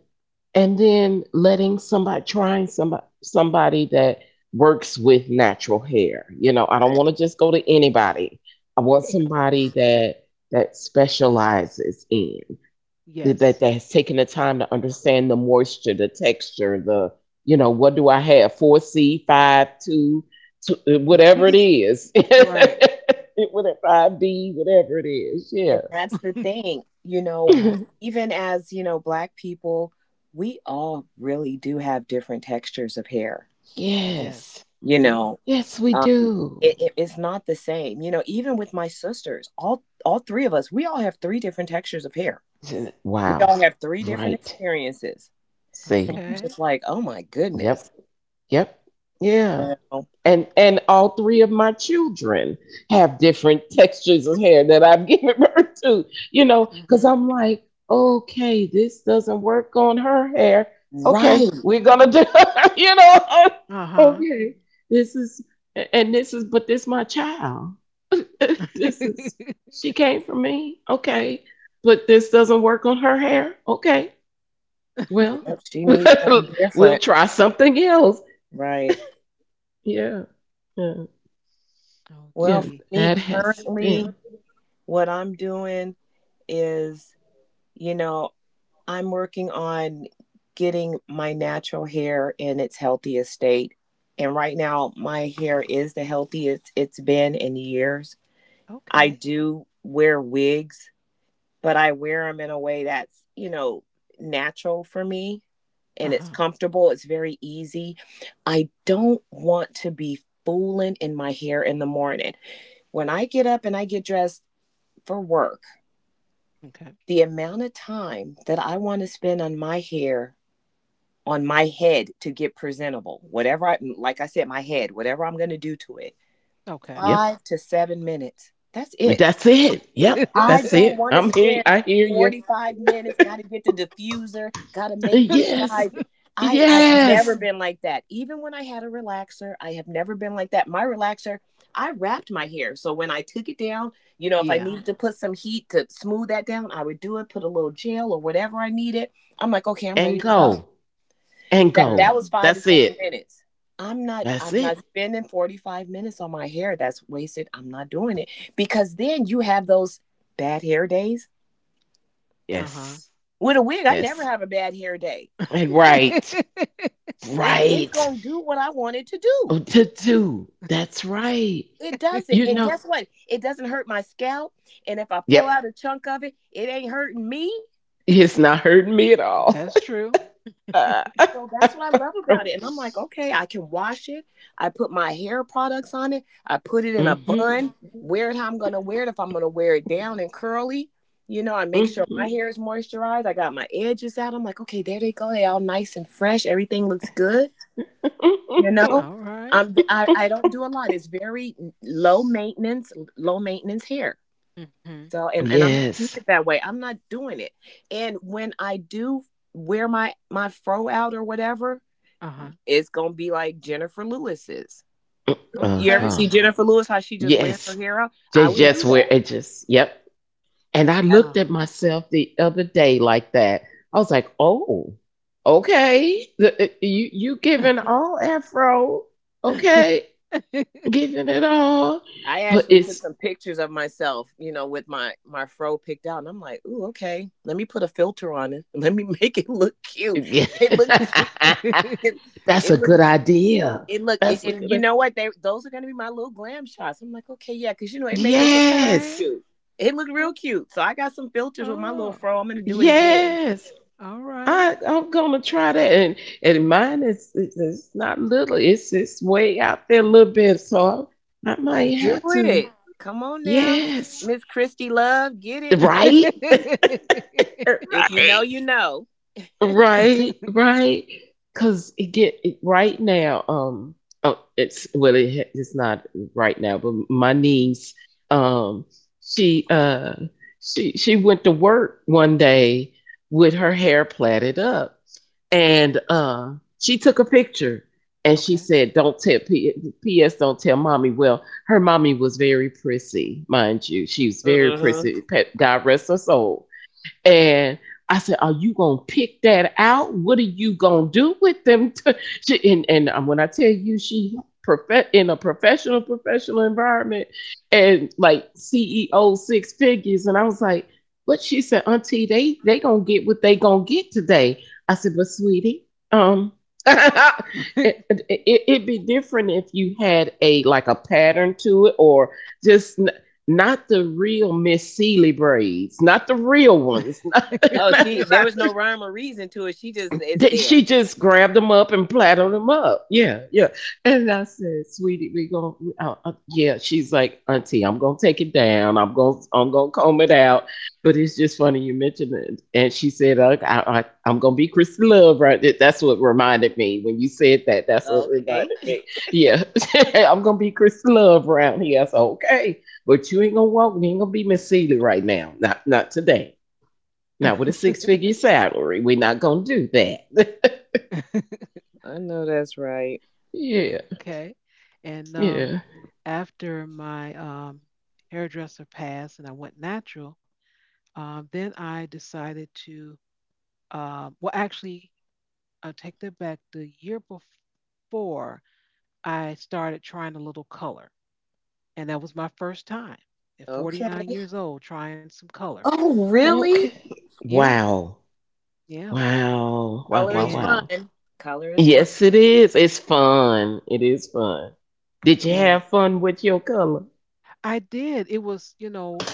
Speaker 3: and then letting somebody— trying somebody, somebody that works with natural hair, you know, I don't want
Speaker 2: Right.
Speaker 3: to just go to anybody. I want somebody
Speaker 2: And
Speaker 3: that that specializes in,
Speaker 1: Yes.
Speaker 3: that that has taken the time to understand the moisture, the texture, the, you know, what do I have, 4c, 5 two, two, whatever it is,
Speaker 1: Right.
Speaker 3: whatever, 5b, whatever it is. Yeah.
Speaker 2: and that's the thing, you know,
Speaker 1: Right.
Speaker 2: even as, you know, black people, we all really do have different textures of hair.
Speaker 1: Yes,
Speaker 3: Yes,
Speaker 1: we
Speaker 2: You
Speaker 1: do.
Speaker 2: know,
Speaker 3: yes we
Speaker 2: um
Speaker 3: do.
Speaker 2: it, it's not the same. You know, even with my sisters, all three of us, we all have three different textures of hair.
Speaker 3: Th-
Speaker 2: We
Speaker 3: Wow.
Speaker 2: all have three different
Speaker 3: Right.
Speaker 2: experiences. So
Speaker 3: See.
Speaker 2: I'm
Speaker 1: Okay.
Speaker 2: just like, oh my
Speaker 3: Yep.
Speaker 2: goodness.
Speaker 3: Yep. Yeah.
Speaker 2: You know?
Speaker 3: And all three of my children have different textures of hair that I've given birth to, you know,
Speaker 1: Hmm.
Speaker 3: because I'm like, okay, this doesn't work on her hair. Okay,
Speaker 2: Right.
Speaker 3: we're gonna do, you know,
Speaker 1: Uh huh.
Speaker 3: okay. This is— and this is— but this my child. This is— she came from me. Okay. But this doesn't work on her hair. Okay. Well,
Speaker 2: Yep, she needs something
Speaker 3: we'll
Speaker 2: different.
Speaker 3: try something else.
Speaker 2: Right.
Speaker 3: Yeah. Yeah.
Speaker 1: Oh,
Speaker 2: Well,
Speaker 3: Yeah.
Speaker 2: for
Speaker 1: gee.
Speaker 2: me,
Speaker 3: That has
Speaker 2: currently,
Speaker 3: been.
Speaker 2: what I'm doing is, you know, I'm working on getting my natural hair in its healthiest state. And right now, my hair is the healthiest it's been in years. I
Speaker 1: Okay.
Speaker 2: do wear wigs, but I wear them in a way that's, you know, natural for me,
Speaker 1: Uh
Speaker 2: and it's
Speaker 1: huh.
Speaker 2: comfortable. It's very easy. I don't want to be fooling in my hair in the morning. When I get up and I get dressed for work,
Speaker 1: Okay.
Speaker 2: the amount of time that I want to spend on my hair, on my head to get presentable, whatever I, like I said, my head, whatever I'm going to do to it,
Speaker 1: Okay.
Speaker 3: Yep.
Speaker 2: 5 to 7 minutes. That's it.
Speaker 3: That's it. Yep.
Speaker 2: I
Speaker 3: That's
Speaker 2: don't
Speaker 3: it.
Speaker 2: want to
Speaker 3: I'm here.
Speaker 2: spend
Speaker 3: I hear you.
Speaker 2: 45 minutes, got to get the diffuser, got to make this
Speaker 3: Yes.
Speaker 2: side. I've
Speaker 3: Yes.
Speaker 2: never been like that. Even when I had a relaxer, I have never been like that. My relaxer, I wrapped my hair. So when I took it down, you know, if I
Speaker 1: Yeah.
Speaker 2: needed to put some heat to smooth that down, I would do it, put a little gel or whatever I needed. I'm like, okay, I'm ready
Speaker 3: And
Speaker 2: to go.
Speaker 3: go. And
Speaker 2: That
Speaker 1: True.
Speaker 3: go.
Speaker 2: that was five to
Speaker 3: That's
Speaker 2: seven
Speaker 3: it.
Speaker 2: minutes. I'm not
Speaker 3: That's
Speaker 2: I'm not
Speaker 3: it.
Speaker 2: spending 45 minutes on my hair. That's wasted. I'm not doing it. Because then you have those bad hair days.
Speaker 1: Uh
Speaker 3: Yes.
Speaker 2: With a wig, I never
Speaker 3: Yes.
Speaker 2: have a bad hair day.
Speaker 3: And
Speaker 1: huh.
Speaker 3: right.
Speaker 2: It's
Speaker 3: Right.
Speaker 2: gonna do what I want it to do.
Speaker 3: Oh, to do. That's right.
Speaker 2: It does it.
Speaker 3: You
Speaker 2: And
Speaker 3: know.
Speaker 2: guess what? It doesn't hurt my scalp. And if I pull out a
Speaker 3: Yep.
Speaker 2: chunk of it, it ain't hurting me.
Speaker 3: It's not hurting me at all.
Speaker 1: That's true.
Speaker 2: So that's what I love about it. And I'm like, okay, I can wash it. I put my hair products on it. I put it in a
Speaker 3: Mm-hmm.
Speaker 2: bun, wear it how I'm going to wear it. If I'm going to wear it down and curly, I make sure my hair
Speaker 3: Mhm.
Speaker 2: is moisturized. I got my edges out. I'm like, okay, there they go. They all nice and fresh. Everything looks good. You know,
Speaker 1: All right.
Speaker 2: I'm, v- I, am I don't do a lot. It's very low maintenance hair.
Speaker 1: Mm-hmm.
Speaker 2: So, and I'm going to keep
Speaker 3: Yes.
Speaker 2: it that way. I'm not doing it. And when I do wear my fro out or whatever,
Speaker 1: Uh-huh.
Speaker 2: it's gonna be like Jennifer Lewis's. You ever
Speaker 1: Okay.
Speaker 3: Uh-huh.
Speaker 2: see Jennifer Lewis? How she just wears her
Speaker 3: Yes.
Speaker 2: hair out?
Speaker 3: They
Speaker 2: I would
Speaker 3: just
Speaker 2: do
Speaker 1: Yes.
Speaker 3: where
Speaker 2: that.
Speaker 3: it just yep. And I
Speaker 2: I,
Speaker 1: Uh-huh.
Speaker 3: looked at myself the other day like that. I was like, oh, okay. You, you giving all afro. Okay. Giving it all.
Speaker 2: I
Speaker 3: But
Speaker 2: actually took
Speaker 3: it's
Speaker 2: some pictures of myself, with my fro picked out, and I'm like, ooh, okay. Let me put a filter on it. Let me make it look cute. It looked. It,
Speaker 3: that's
Speaker 2: it
Speaker 3: a
Speaker 2: looked.
Speaker 3: good idea. That's a
Speaker 2: And
Speaker 3: good
Speaker 2: you
Speaker 3: idea.
Speaker 2: know what? They Those are gonna be my little glam shots. I'm like, okay, yeah, because you know it made it look real
Speaker 3: Yes.
Speaker 1: Okay.
Speaker 2: cute. It looked
Speaker 1: Oh,
Speaker 2: real cute. So I got some filters with my
Speaker 1: oh,
Speaker 2: little fro. I'm gonna do it again.
Speaker 3: Yes.
Speaker 1: all right.
Speaker 3: I I'm gonna try that. And mine is, it's not little, it's way out there a little bit, so I might
Speaker 2: Do
Speaker 3: have to.
Speaker 2: it. Come on now.
Speaker 3: Yes,
Speaker 2: Miss Christy Love, get it.
Speaker 3: right,
Speaker 2: If you know,
Speaker 3: right,
Speaker 2: you know.
Speaker 3: right, right. Cause it get it, right now. Oh, it's well, it, it's not right now, but my niece, um, she uh, she went to work one day with her hair plaited up, and she took a picture, and she
Speaker 1: Okay.
Speaker 3: said, "Don't tell P.S. Don't tell mommy." Well, her mommy was very prissy, mind you. She was very
Speaker 2: Hmm.
Speaker 3: prissy. God rest her soul. And I said, "Are you gonna pick that out? What are you gonna do with them? She, and when I tell you, she— in a professional environment, and like CEO, six figures, and I was like— "But she said, Auntie, they gonna get what they gonna get today." I said, "But sweetie, um." It, it'd be different if you had a like a pattern to it, or just not the real Miss Seeley braids, not the real ones, not,
Speaker 2: Oh,
Speaker 3: not,
Speaker 2: she, there was no rhyme or reason to it. She just is
Speaker 3: that she
Speaker 2: there.
Speaker 3: just grabbed them up and platted them up. Yeah, yeah. And I said, "Sweetie, we gonna yeah." She's like, "Auntie, I'm gonna take it down. I'm gonna comb it out." But it's just funny you mentioned it. And she said, I, I'm gonna be Christy Love." Right? That's what reminded me when you said that. That's what
Speaker 2: Okay.
Speaker 3: reminded me. Yeah, I'm gonna be Christy Love around here. I said, "Okay, but you ain't gonna walk. You ain't gonna be Miss Seeley right now. Not not today." Not with a six figure salary. We're not going to do that.
Speaker 2: I know that's right.
Speaker 3: Yeah.
Speaker 1: Okay. And
Speaker 3: Yeah.
Speaker 1: after my hairdresser passed and I went natural, then I decided to well, actually, I'll take that back. The year before, I started trying a little color, and that was my first time at 49
Speaker 2: Okay.
Speaker 1: years old trying some color.
Speaker 2: Oh, really?
Speaker 3: Okay.
Speaker 1: Yeah,
Speaker 3: Wow.
Speaker 1: yeah,
Speaker 3: Wow. Wow.
Speaker 2: Color
Speaker 3: Wow.
Speaker 2: is
Speaker 1: and
Speaker 3: Wow.
Speaker 2: fun. Color is fun.
Speaker 3: Yes, it is. It's fun. It is fun. Did you
Speaker 1: and
Speaker 3: have fun with your color?
Speaker 1: I did. It was,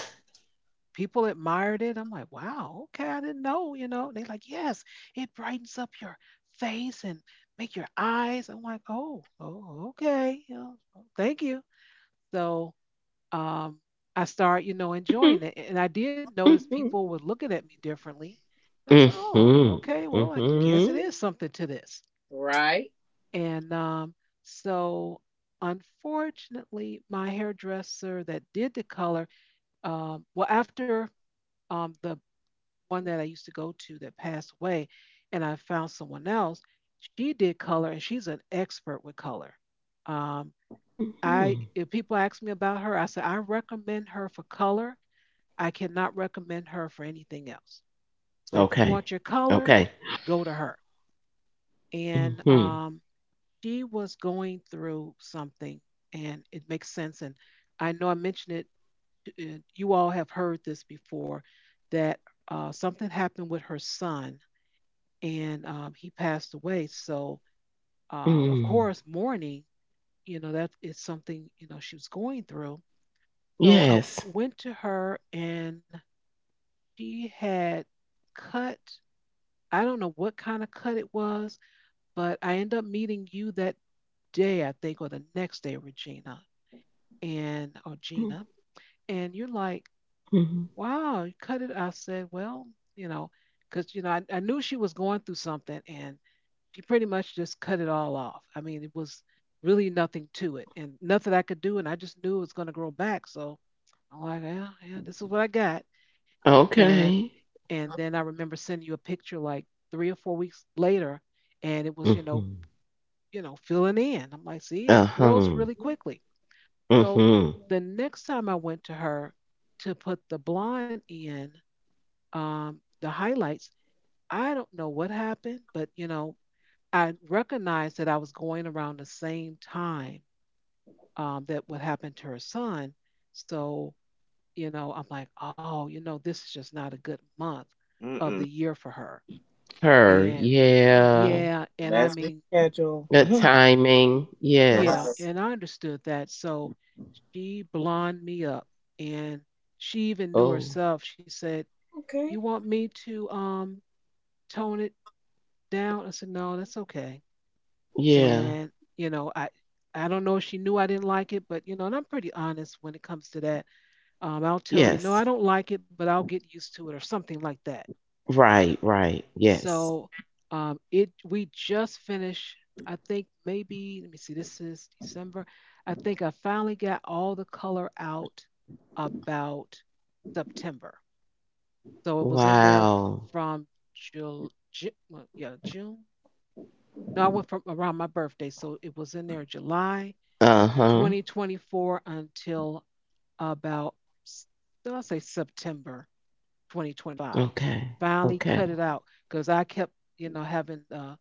Speaker 1: people admired it. I'm like, wow, okay, I didn't know. They like, yes, it brightens up your face and make your eyes. I'm like, oh, oh, okay, thank you. So um, I started, enjoying it. And I did notice
Speaker 3: Mm-hmm.
Speaker 1: people were looking at me differently. And I said, oh,
Speaker 3: Mm-hmm.
Speaker 1: okay, well, I guess it
Speaker 3: Mm-hmm.
Speaker 1: is something to this.
Speaker 2: Right?
Speaker 1: And so, unfortunately, my hairdresser that did the color, well, after the one that I used to go to that passed away, and I found someone else, she did color, and she's an expert with color. Um, I
Speaker 3: Mhm.
Speaker 1: if people ask me about her, I say I recommend her for color. I cannot recommend her for anything else. But if you
Speaker 3: Okay.
Speaker 1: want your color,
Speaker 3: Okay.
Speaker 1: go to her. And
Speaker 3: Mm-hmm.
Speaker 1: she was going through something, and it makes sense. And I know I mentioned it. And you all have heard this before, that something happened with her son, and he passed away. So of
Speaker 3: Mm.
Speaker 1: course, mourning. You know that is something, she was going through. So I
Speaker 3: Yes.
Speaker 1: went to her, and she had cut — I don't know what kind of cut it was — but I end up meeting you that day, I think, or the next day, Regina, and or Gina. And you're like,
Speaker 3: Mm-hmm.
Speaker 1: wow, you cut it. I said, well, you know, because, I knew she was going through something, and she pretty much just cut it all off. I mean, it was really nothing to it, and nothing I could do. And I just knew it was going to grow back. So I'm like, yeah, yeah, this is what I got. And
Speaker 3: Okay.
Speaker 1: And then I remember sending you a picture like 3 or 4 weeks later, and it was,
Speaker 3: Mm-hmm.
Speaker 1: filling in. I'm like, see, it grows
Speaker 3: Uh-huh.
Speaker 1: really quickly. So
Speaker 3: Mm-hmm.
Speaker 1: the next time I went to her to put the blonde in, the highlights, I don't know what happened, but I recognized that I was going around the same time that what happened to her son. So, I'm like, oh, this is just not a good month of the
Speaker 2: Mm-mm.
Speaker 1: year for her.
Speaker 3: Her,
Speaker 1: And
Speaker 3: yeah.
Speaker 1: yeah, and I
Speaker 2: That's the
Speaker 1: mean,
Speaker 2: schedule.
Speaker 3: The timing,
Speaker 1: yeah,
Speaker 3: yes.
Speaker 1: and I understood that. So she blonde me up, and she even knew
Speaker 3: Oh,
Speaker 1: herself. She said, "You
Speaker 2: Okay.
Speaker 1: want me to tone it down?" I said, "No, that's okay."
Speaker 3: yeah.
Speaker 1: And you know, I I don't know if she knew I didn't like it, but and I'm pretty honest when it comes to that. I'll tell you, no,
Speaker 3: Yes.
Speaker 1: I don't like it, but I'll get used to it or something like that.
Speaker 3: Right, right. Yes.
Speaker 1: So it we just finished. I think, maybe, let me see. This is December. I think I finally got all the color out about September. So it was in there
Speaker 3: Wow.
Speaker 1: from well, yeah, June. No, I went from around my birthday, so it was in there July
Speaker 3: Uh-huh.
Speaker 1: 2024 until about s- well, I'll say September 2025.
Speaker 3: Okay.
Speaker 1: Finally,
Speaker 3: Okay.
Speaker 1: cut it out because I kept having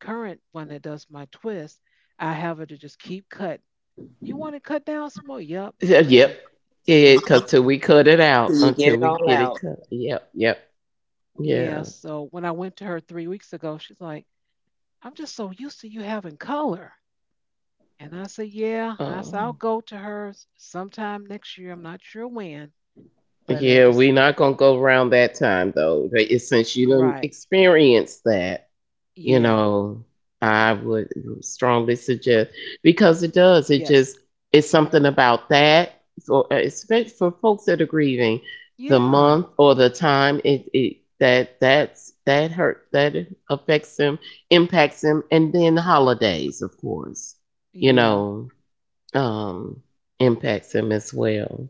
Speaker 1: current one that does my twist. I have her to just keep cutting. You want to cut down some more? Yep.
Speaker 3: Yeah,
Speaker 1: I
Speaker 3: yep.
Speaker 1: said,
Speaker 3: Yeah,
Speaker 1: let's
Speaker 3: because
Speaker 1: keep.
Speaker 3: till we cut it
Speaker 2: So
Speaker 3: out,
Speaker 2: you get
Speaker 3: until
Speaker 2: it
Speaker 3: we
Speaker 2: all
Speaker 3: get it
Speaker 2: out.
Speaker 3: cut. Yep, yep.
Speaker 1: Yeah.
Speaker 3: Yeah.
Speaker 1: So when I went to her 3 weeks ago, she's like, I'm just so used to you having color. And I said, yeah. I said, I'll
Speaker 3: Um,
Speaker 1: go to hers sometime next year. I'm not sure when, but I
Speaker 3: yeah, we
Speaker 1: just,
Speaker 3: not gonna go around that time though. But it's since you done
Speaker 1: right.
Speaker 3: experienced that, you
Speaker 1: Yeah.
Speaker 3: know, I would strongly suggest, because it does. It
Speaker 1: Yes.
Speaker 3: just it's something
Speaker 1: Hmm.
Speaker 3: about that for especially for folks that are grieving, the month
Speaker 1: Yeah.
Speaker 3: or the time it, it that that's that hurt that affects them, impacts them, and then the holidays, of course, you
Speaker 1: Yeah.
Speaker 3: know, um, impacts them as well.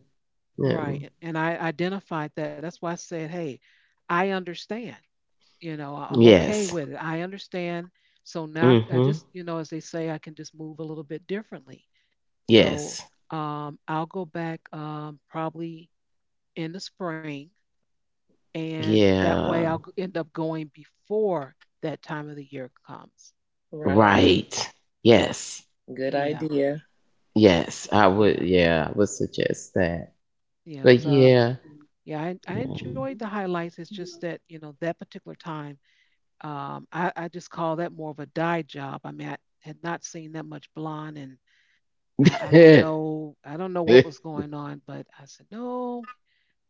Speaker 3: Yeah.
Speaker 1: Right. And I identified that. That's why I said, hey, I understand. You know, I'm okay
Speaker 3: Yes.
Speaker 1: with it. I understand. So now I
Speaker 3: Mm-hmm.
Speaker 1: just, as they say, I can just move a little bit differently. So
Speaker 3: Yes.
Speaker 1: I'll go back, probably in the spring, and that way
Speaker 3: Yeah.
Speaker 1: I'll end up going before that time of the year comes.
Speaker 2: Right.
Speaker 3: Right. Yes.
Speaker 2: Good
Speaker 1: Yeah.
Speaker 2: idea.
Speaker 3: Yes, I would.
Speaker 1: Yeah.
Speaker 3: Yeah, I would suggest that.
Speaker 1: Yeah,
Speaker 3: But
Speaker 1: because
Speaker 3: yeah,
Speaker 1: yeah, I enjoyed the highlights. It's just that, that particular time, I just call that more of a dye job. I mean, I had not seen that much blonde. And I don't
Speaker 3: yeah.
Speaker 1: know. I don't know what was going on, but I said, no,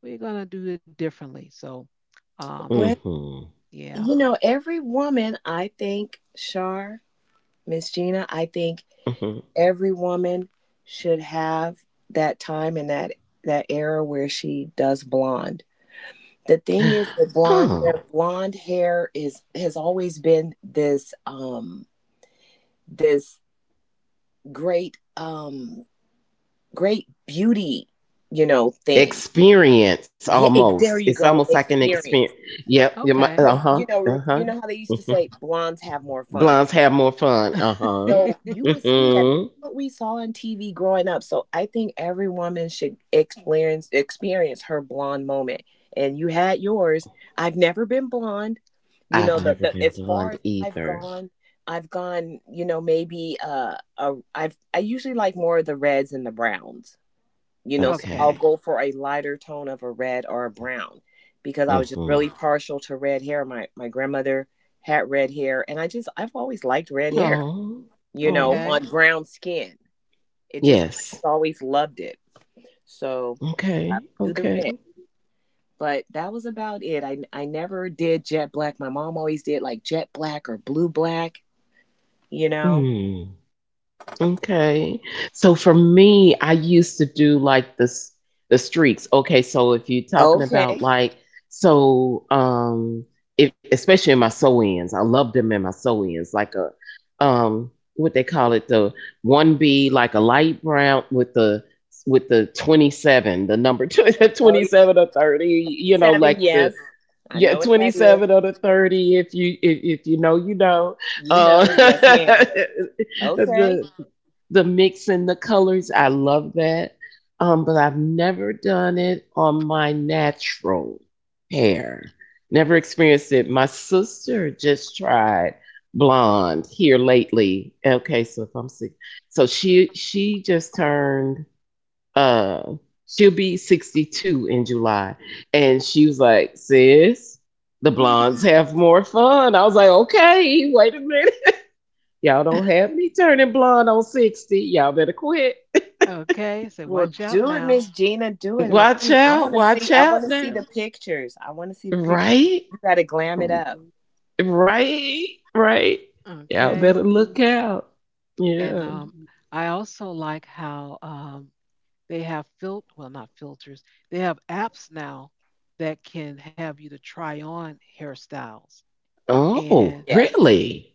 Speaker 1: we're gonna do it differently. So, um,
Speaker 3: hmm
Speaker 2: Well,
Speaker 3: hmm
Speaker 1: yeah,
Speaker 2: you know, every woman, I think, Shar, Miss Gina, I think every woman should have that time and that era where she does blonde. The thing is with
Speaker 3: Oh,
Speaker 2: blonde hair is has always been this this great great beauty, you know, thing.
Speaker 3: experience
Speaker 2: Yeah,
Speaker 3: almost.
Speaker 2: there
Speaker 3: It's
Speaker 2: you
Speaker 3: almost
Speaker 2: go,
Speaker 3: like an experience.
Speaker 2: experience.
Speaker 3: Yep. You might.
Speaker 1: okay,
Speaker 3: Uh
Speaker 2: Cuz
Speaker 3: huh.
Speaker 2: you know,
Speaker 3: Uh huh.
Speaker 2: you know how they used to
Speaker 3: hmm
Speaker 2: say blondes have more fun.
Speaker 3: Blondes have more fun. Uh
Speaker 1: uh
Speaker 3: huh.
Speaker 2: So you would see that
Speaker 3: hmm
Speaker 2: what we saw on TV growing up. So I think every woman should experience her blonde moment. And you had yours. I've never been blonde. You
Speaker 3: I've
Speaker 2: know,
Speaker 1: huh,
Speaker 3: never
Speaker 2: the
Speaker 3: been
Speaker 2: as far
Speaker 3: blonde
Speaker 2: as
Speaker 3: either.
Speaker 2: I've gone, you know, I've I usually like more of the reds and the browns. You know, so I'll
Speaker 3: Okay.
Speaker 1: okay,
Speaker 2: go for a lighter tone of a red or a brown because I was just
Speaker 3: Mm-hmm.
Speaker 2: really partial to red hair. My grandmother had red hair and I've always liked red hair,
Speaker 3: Oh.
Speaker 2: you know.
Speaker 3: Oh.
Speaker 2: Yeah,
Speaker 1: okay,
Speaker 2: on brown skin. It just I
Speaker 3: Yes.
Speaker 2: just always loved it. So I
Speaker 3: Okay.
Speaker 2: would do the
Speaker 3: Okay.
Speaker 2: red. But that was about it. I never did jet black. My mom always did like jet black or blue black, you know.
Speaker 3: Hmm. Okay. So for me, I used to do like the streaks. Okay, so if you're talking about
Speaker 2: Okay.
Speaker 3: like so um if, especially in my sew ends, I love them in my sew ends. Like a what they call it, the one B, like a light brown with the 27, the number,
Speaker 2: Oh yeah.
Speaker 3: 27 or 30,
Speaker 2: E
Speaker 3: you know,
Speaker 2: seven,
Speaker 3: like the
Speaker 2: yes. I
Speaker 3: yeah
Speaker 2: know what that is.
Speaker 3: 27 or the 30. If you know, you know.
Speaker 2: You
Speaker 3: Uh,
Speaker 2: know, yes, ma'am. Okay.
Speaker 3: the the mixing the colors, I love that. Um, but I've never done it on my natural hair, never experienced it. My sister just tried blonde here lately. Okay, so if I'm sick, so she just turned uh, she'll be 62 in July. And she was like, sis, the blondes have more fun. I was like, okay, wait a minute. Y'all don't have me turning blonde on 60. Y'all better quit.
Speaker 1: okay. So
Speaker 2: Well,
Speaker 1: watch out
Speaker 2: do it,
Speaker 1: now,
Speaker 2: Miss Gina. Do it,
Speaker 3: Watch
Speaker 2: I
Speaker 3: out.
Speaker 2: want to
Speaker 3: Watch
Speaker 2: see. I want
Speaker 3: out
Speaker 2: to see the
Speaker 3: now.
Speaker 2: pictures. I want to see the pictures.
Speaker 3: Right?
Speaker 2: You got to glam it up.
Speaker 3: Right? Right? Y'all
Speaker 1: okay.
Speaker 3: better look out.
Speaker 1: And
Speaker 3: Yeah.
Speaker 1: I also like how they have fil — well, not filters. They have apps now that can have you to try on hairstyles.
Speaker 3: Oh,
Speaker 1: And
Speaker 2: Yes.
Speaker 3: really?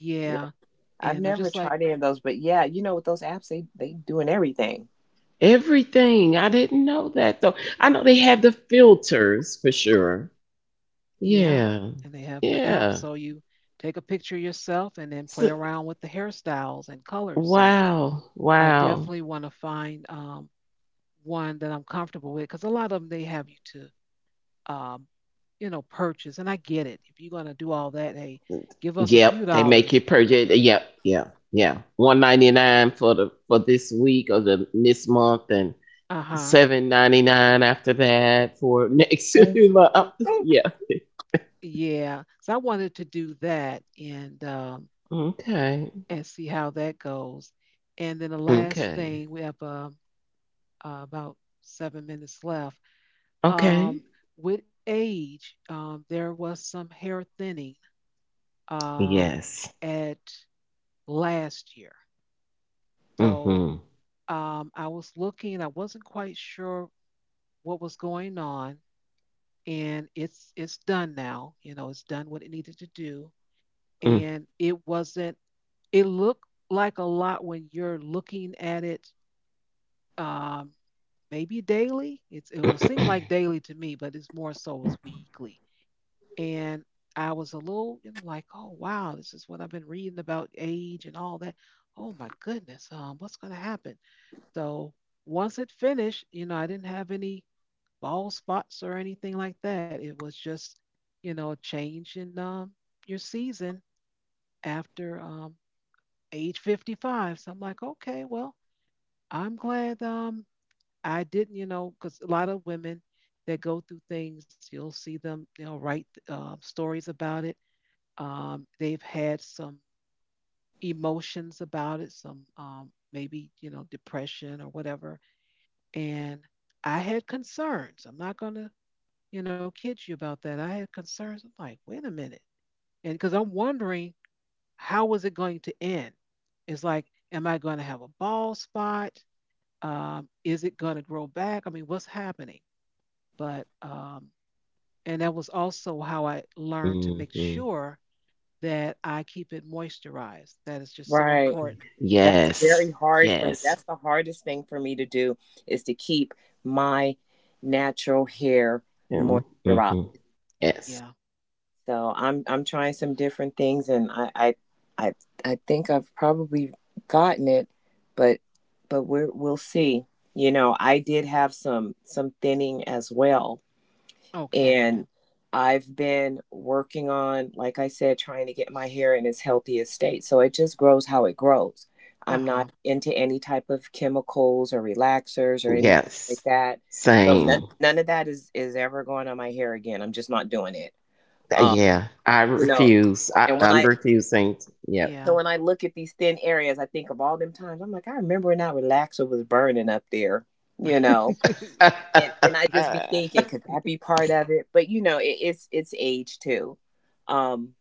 Speaker 1: yeah,
Speaker 2: I've
Speaker 1: and I
Speaker 2: never
Speaker 1: just like.
Speaker 2: tried any of those, but yeah, you know, with those apps, they doing everything.
Speaker 3: Everything. I didn't know that though. I know they have the filters for sure.
Speaker 1: Yeah,
Speaker 3: Yeah.
Speaker 1: and they have the app.
Speaker 3: Yeah.
Speaker 1: So you take a picture yourself and then play
Speaker 3: So,
Speaker 1: around with the hairstyles and colors. So
Speaker 3: wow.
Speaker 1: I
Speaker 3: Wow.
Speaker 1: definitely want to find one that I'm comfortable with, because a lot of them, they have you to, um, purchase. And I get it. If you're going to do all that, hey, give us a few
Speaker 3: Yep. They make you
Speaker 1: dollars.
Speaker 3: purchase. Yep. Yeah. Yeah. 1.99 for the for this week or the this month, and
Speaker 1: Uh huh.
Speaker 3: 7.99 after that for next
Speaker 2: Mhm.
Speaker 3: month. Yeah.
Speaker 1: Yeah. So I wanted to do that, and
Speaker 3: Okay.
Speaker 1: see how that goes. And then the last
Speaker 3: Okay.
Speaker 1: thing we have, about 7 minutes left.
Speaker 3: Okay.
Speaker 1: Um, with age, there was some hair thinning, um,
Speaker 3: Yes.
Speaker 1: at last year. So
Speaker 3: Mm-hmm.
Speaker 1: I was looking, I wasn't quite sure what was going on, and it's done now. You know, it's done what it needed to do,
Speaker 3: Mm.
Speaker 1: and it wasn't. It looked like a lot when you're looking at it. Um, Maybe daily. It will seem like daily to me, but it's more so as weekly. And I was a little, like, oh wow, this is what I've been reading about age and all that. Oh my goodness, what's going to happen? So once it finished, I didn't have any bald spots or anything like that. It was just, a change in, your season, after age 55. So I'm like, okay, well, I'm glad, I didn't, because a lot of women that go through things, you'll see them, write stories about it. They've had some emotions about it, some maybe, depression or whatever. And I had concerns. I'm not going to, kid you about that. I had concerns. I'm like, wait a minute. And because I'm wondering, how was it going to end? It's like, am I going to have a bald spot? Is it going to grow back? I mean, what's happening? But, um, and that was also how I learned to make
Speaker 3: Mm-hmm.
Speaker 1: sure that I keep it moisturized. That is just so
Speaker 2: Right.
Speaker 1: important.
Speaker 2: That's
Speaker 3: Yes.
Speaker 2: very hard for me.
Speaker 3: Yes.
Speaker 2: That's the hardest thing for me to do is to keep my natural hair
Speaker 3: Mm-hmm.
Speaker 2: moisturized.
Speaker 3: Mm-hmm. Yes.
Speaker 1: Yeah.
Speaker 2: So I'm trying some different things, and I, I think I've probably gotten it, but we're we'll see. You know, I did have some thinning as well.
Speaker 1: Okay.
Speaker 2: And I've been working on, like I said, trying to get my hair in its healthiest state. So it just grows how it grows.
Speaker 1: Uh
Speaker 2: I'm not
Speaker 1: huh.
Speaker 2: into any type of chemicals or relaxers or anything
Speaker 3: Yes.
Speaker 2: like that. So
Speaker 3: Same.
Speaker 2: none of that is ever going on my hair again. I'm just not doing it. Um,
Speaker 3: Yeah, I
Speaker 2: you know,
Speaker 3: refuse. I,
Speaker 2: and when
Speaker 3: I'm
Speaker 2: I
Speaker 3: refusing. To, yep.
Speaker 2: so
Speaker 1: Yeah.
Speaker 2: when I look at these thin areas, I think of all them times. I'm like, I remember when that relaxer was burning up there, you know
Speaker 1: Mm-hmm.
Speaker 2: and I just be thinking, could that be part of it? But you know, it's age too. Um,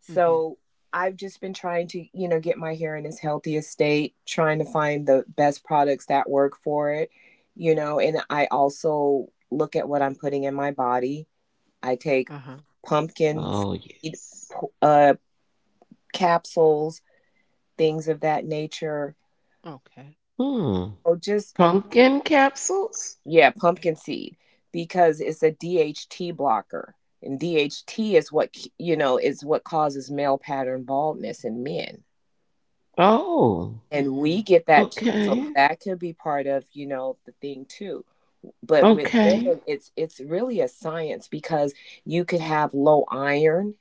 Speaker 2: so I've just been trying to, you know, get my hair in its healthiest state, trying to find the best products that work for it, you know, and I also look at what I'm putting in my body. I
Speaker 1: Uh
Speaker 2: take
Speaker 1: huh.
Speaker 2: pumpkin
Speaker 3: Oh
Speaker 2: seed
Speaker 3: yes.
Speaker 2: p- uh, capsules, things of that nature.
Speaker 1: Okay.
Speaker 3: Hmm.
Speaker 2: So just
Speaker 3: Pumpkin capsules.
Speaker 2: yeah, pumpkin seed because it's a DHT blocker. And DHT is what, you know, is what causes male pattern baldness in men.
Speaker 3: Oh.
Speaker 2: And
Speaker 1: Mm-hmm.
Speaker 2: we get that too. So
Speaker 3: Okay.
Speaker 2: that could be part of, you know, the thing too. But with
Speaker 3: Okay.
Speaker 2: women, it's really a science because you could have low iron,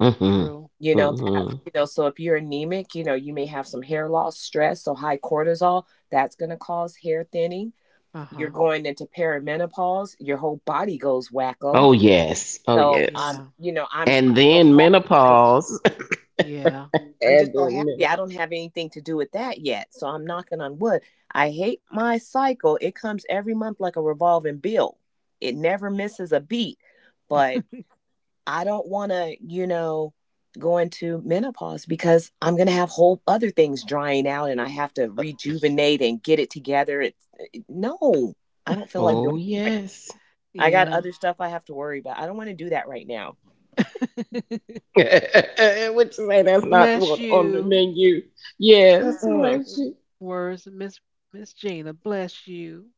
Speaker 3: Mm-hmm.
Speaker 1: True.
Speaker 2: you know, that
Speaker 3: Mm-hmm.
Speaker 2: you know, so if you're anemic, you know, you may have some hair loss, stress, so high cortisol, that's gonna cause hair thinning.
Speaker 1: Uh huh.
Speaker 2: You're going into perimenopause, your whole body goes wacko.
Speaker 3: Oh yes. Oh
Speaker 2: So
Speaker 1: Yeah.
Speaker 3: yes.
Speaker 2: you know, I'm
Speaker 3: And
Speaker 2: so
Speaker 3: then
Speaker 2: happy.
Speaker 3: menopause.
Speaker 1: Yeah.
Speaker 3: And
Speaker 2: I'm just so
Speaker 3: then
Speaker 2: happy
Speaker 3: menopause.
Speaker 2: I don't have anything to do with that yet. So I'm knocking on wood. I hate my cycle. It comes every month like a revolving bill. It never misses a beat. But I don't wanna, you know, go into menopause because I'm gonna have whole other things drying out and I have to rejuvenate and get it together. It's no, I don't feel like doing
Speaker 3: Oh
Speaker 2: it right.
Speaker 3: yes.
Speaker 2: I got
Speaker 1: Yeah.
Speaker 2: other stuff I have to worry about. I don't want to do that right now.
Speaker 3: Which say that's not
Speaker 1: Bless
Speaker 3: what on the
Speaker 1: you.
Speaker 3: menu. Yes,
Speaker 2: Mm-mm.
Speaker 3: bless you.
Speaker 1: Words, Miss Gina. Bless you.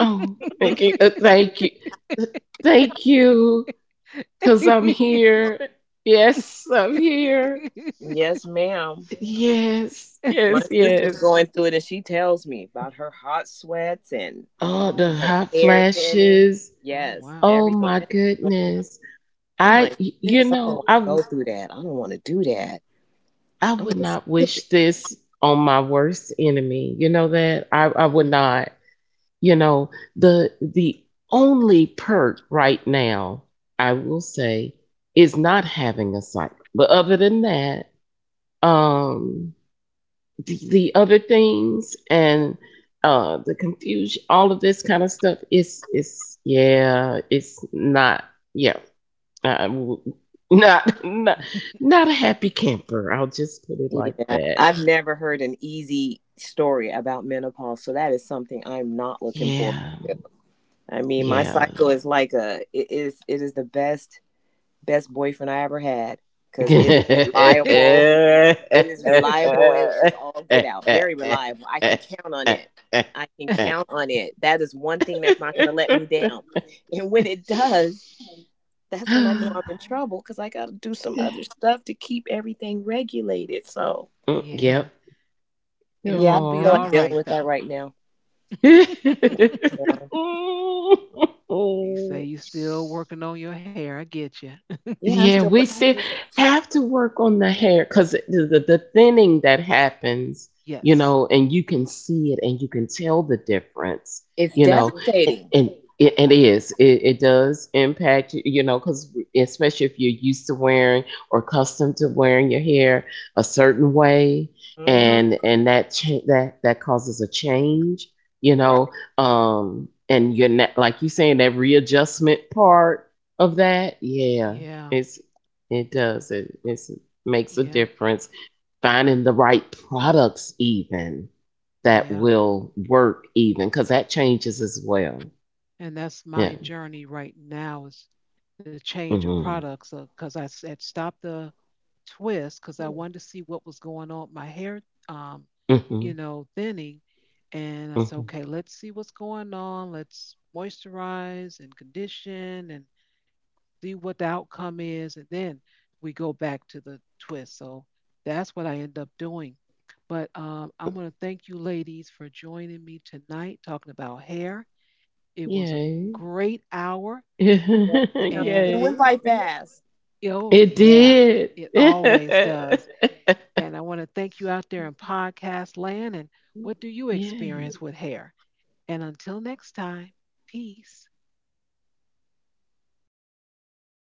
Speaker 3: Oh, thank you. Thank you. Uh, Thank you. Because I'm here. Yes, I'm here.
Speaker 2: Yes, ma'am.
Speaker 3: Yes,
Speaker 2: My
Speaker 3: yes,
Speaker 2: sister's
Speaker 3: yes.
Speaker 2: going through it and she tells me about her hot sweats and
Speaker 3: Oh, the
Speaker 1: Oh. Oh,
Speaker 2: her
Speaker 3: hot
Speaker 2: hair thinning.
Speaker 3: flashes.
Speaker 2: Yes,
Speaker 1: wow.
Speaker 3: Oh
Speaker 2: everything
Speaker 3: my
Speaker 2: that she's going through.
Speaker 3: goodness.
Speaker 2: I'm
Speaker 3: I,
Speaker 2: like,
Speaker 3: y- you
Speaker 2: this, I don't
Speaker 3: know,
Speaker 2: want
Speaker 3: I,
Speaker 2: to
Speaker 3: w-
Speaker 2: go through that. I don't want to do that.
Speaker 3: I
Speaker 2: I'm
Speaker 3: would
Speaker 2: just,
Speaker 3: not wish this on my worst enemy. You know that? I would
Speaker 1: Hmm.
Speaker 3: not. You know, the only perk right now, I will say, is not having a cycle, but other than that, um, the other things and the confusion, all of this kind of stuff, is yeah it's not, yeah. I w- not not a happy camper, I'll just put it like
Speaker 2: yeah.
Speaker 3: that.
Speaker 2: I've never heard an easy story about menopause, so that is something I'm not looking for.
Speaker 3: Yeah.
Speaker 2: I mean, my
Speaker 3: Yeah.
Speaker 2: cycle is like a it is, it is the best best boyfriend I ever had because it is reliable. It is reliable. It is all get out. Very reliable. I can count on it. I can count on it. That is one thing that's not going to let me down. And when it does, that's when I know I'm in trouble because I got to do some other stuff to keep everything regulated. So,
Speaker 3: Mm,
Speaker 1: Yeah.
Speaker 3: yep.
Speaker 1: It's
Speaker 2: yeah,
Speaker 1: gonna
Speaker 2: I don't
Speaker 1: be
Speaker 2: feel
Speaker 1: all
Speaker 2: like dealing
Speaker 1: right
Speaker 2: with that
Speaker 1: though.
Speaker 2: right now.
Speaker 3: Aw.
Speaker 1: You say you still working on your hair. I get you.
Speaker 2: Yeah, I'm
Speaker 3: Yeah,
Speaker 2: still,
Speaker 3: we still have to work on the hair because the thinning that happens, you
Speaker 1: Yes.
Speaker 3: know, and you can see it and you can tell the difference,
Speaker 2: it's
Speaker 3: you
Speaker 1: Yes.
Speaker 3: know,
Speaker 2: devastating.
Speaker 3: and it is, it does impact, you know, because especially if you're used to wearing or accustomed to wearing your hair a certain way,
Speaker 2: Mm-hmm.
Speaker 3: and and that causes a change, you know,
Speaker 2: Right.
Speaker 3: and you're not, like you saying, that readjustment part of that. Yeah,
Speaker 1: Yeah.
Speaker 3: it's it does. It makes a
Speaker 1: Yeah.
Speaker 3: difference. Finding the right products even, that
Speaker 1: Yeah.
Speaker 3: will work even, because that changes as well.
Speaker 1: And that's
Speaker 3: Yeah.
Speaker 1: my journey right now, is the change of
Speaker 3: hmm
Speaker 1: products, because had stopped the twist because I wanted to see what was going on with my hair, um,
Speaker 3: hmm
Speaker 1: thinning. And I said,
Speaker 3: hmm
Speaker 1: okay, let's see what's going on. Let's moisturize and condition, and see what the outcome is, and then we go back to the twist. So that's what I end up doing. But I'm going to thank you, ladies, for joining me tonight talking about hair. It was a
Speaker 3: Yay.
Speaker 1: great hour,
Speaker 2: Yeah, yeah.
Speaker 1: and
Speaker 2: It went
Speaker 3: Yay.
Speaker 2: by fast.
Speaker 1: oh,
Speaker 3: It
Speaker 1: yeah,
Speaker 3: did.
Speaker 1: it always does. And I want to thank you out there in podcast land. And what do you
Speaker 3: Yay.
Speaker 1: experience with hair? And until next time, peace.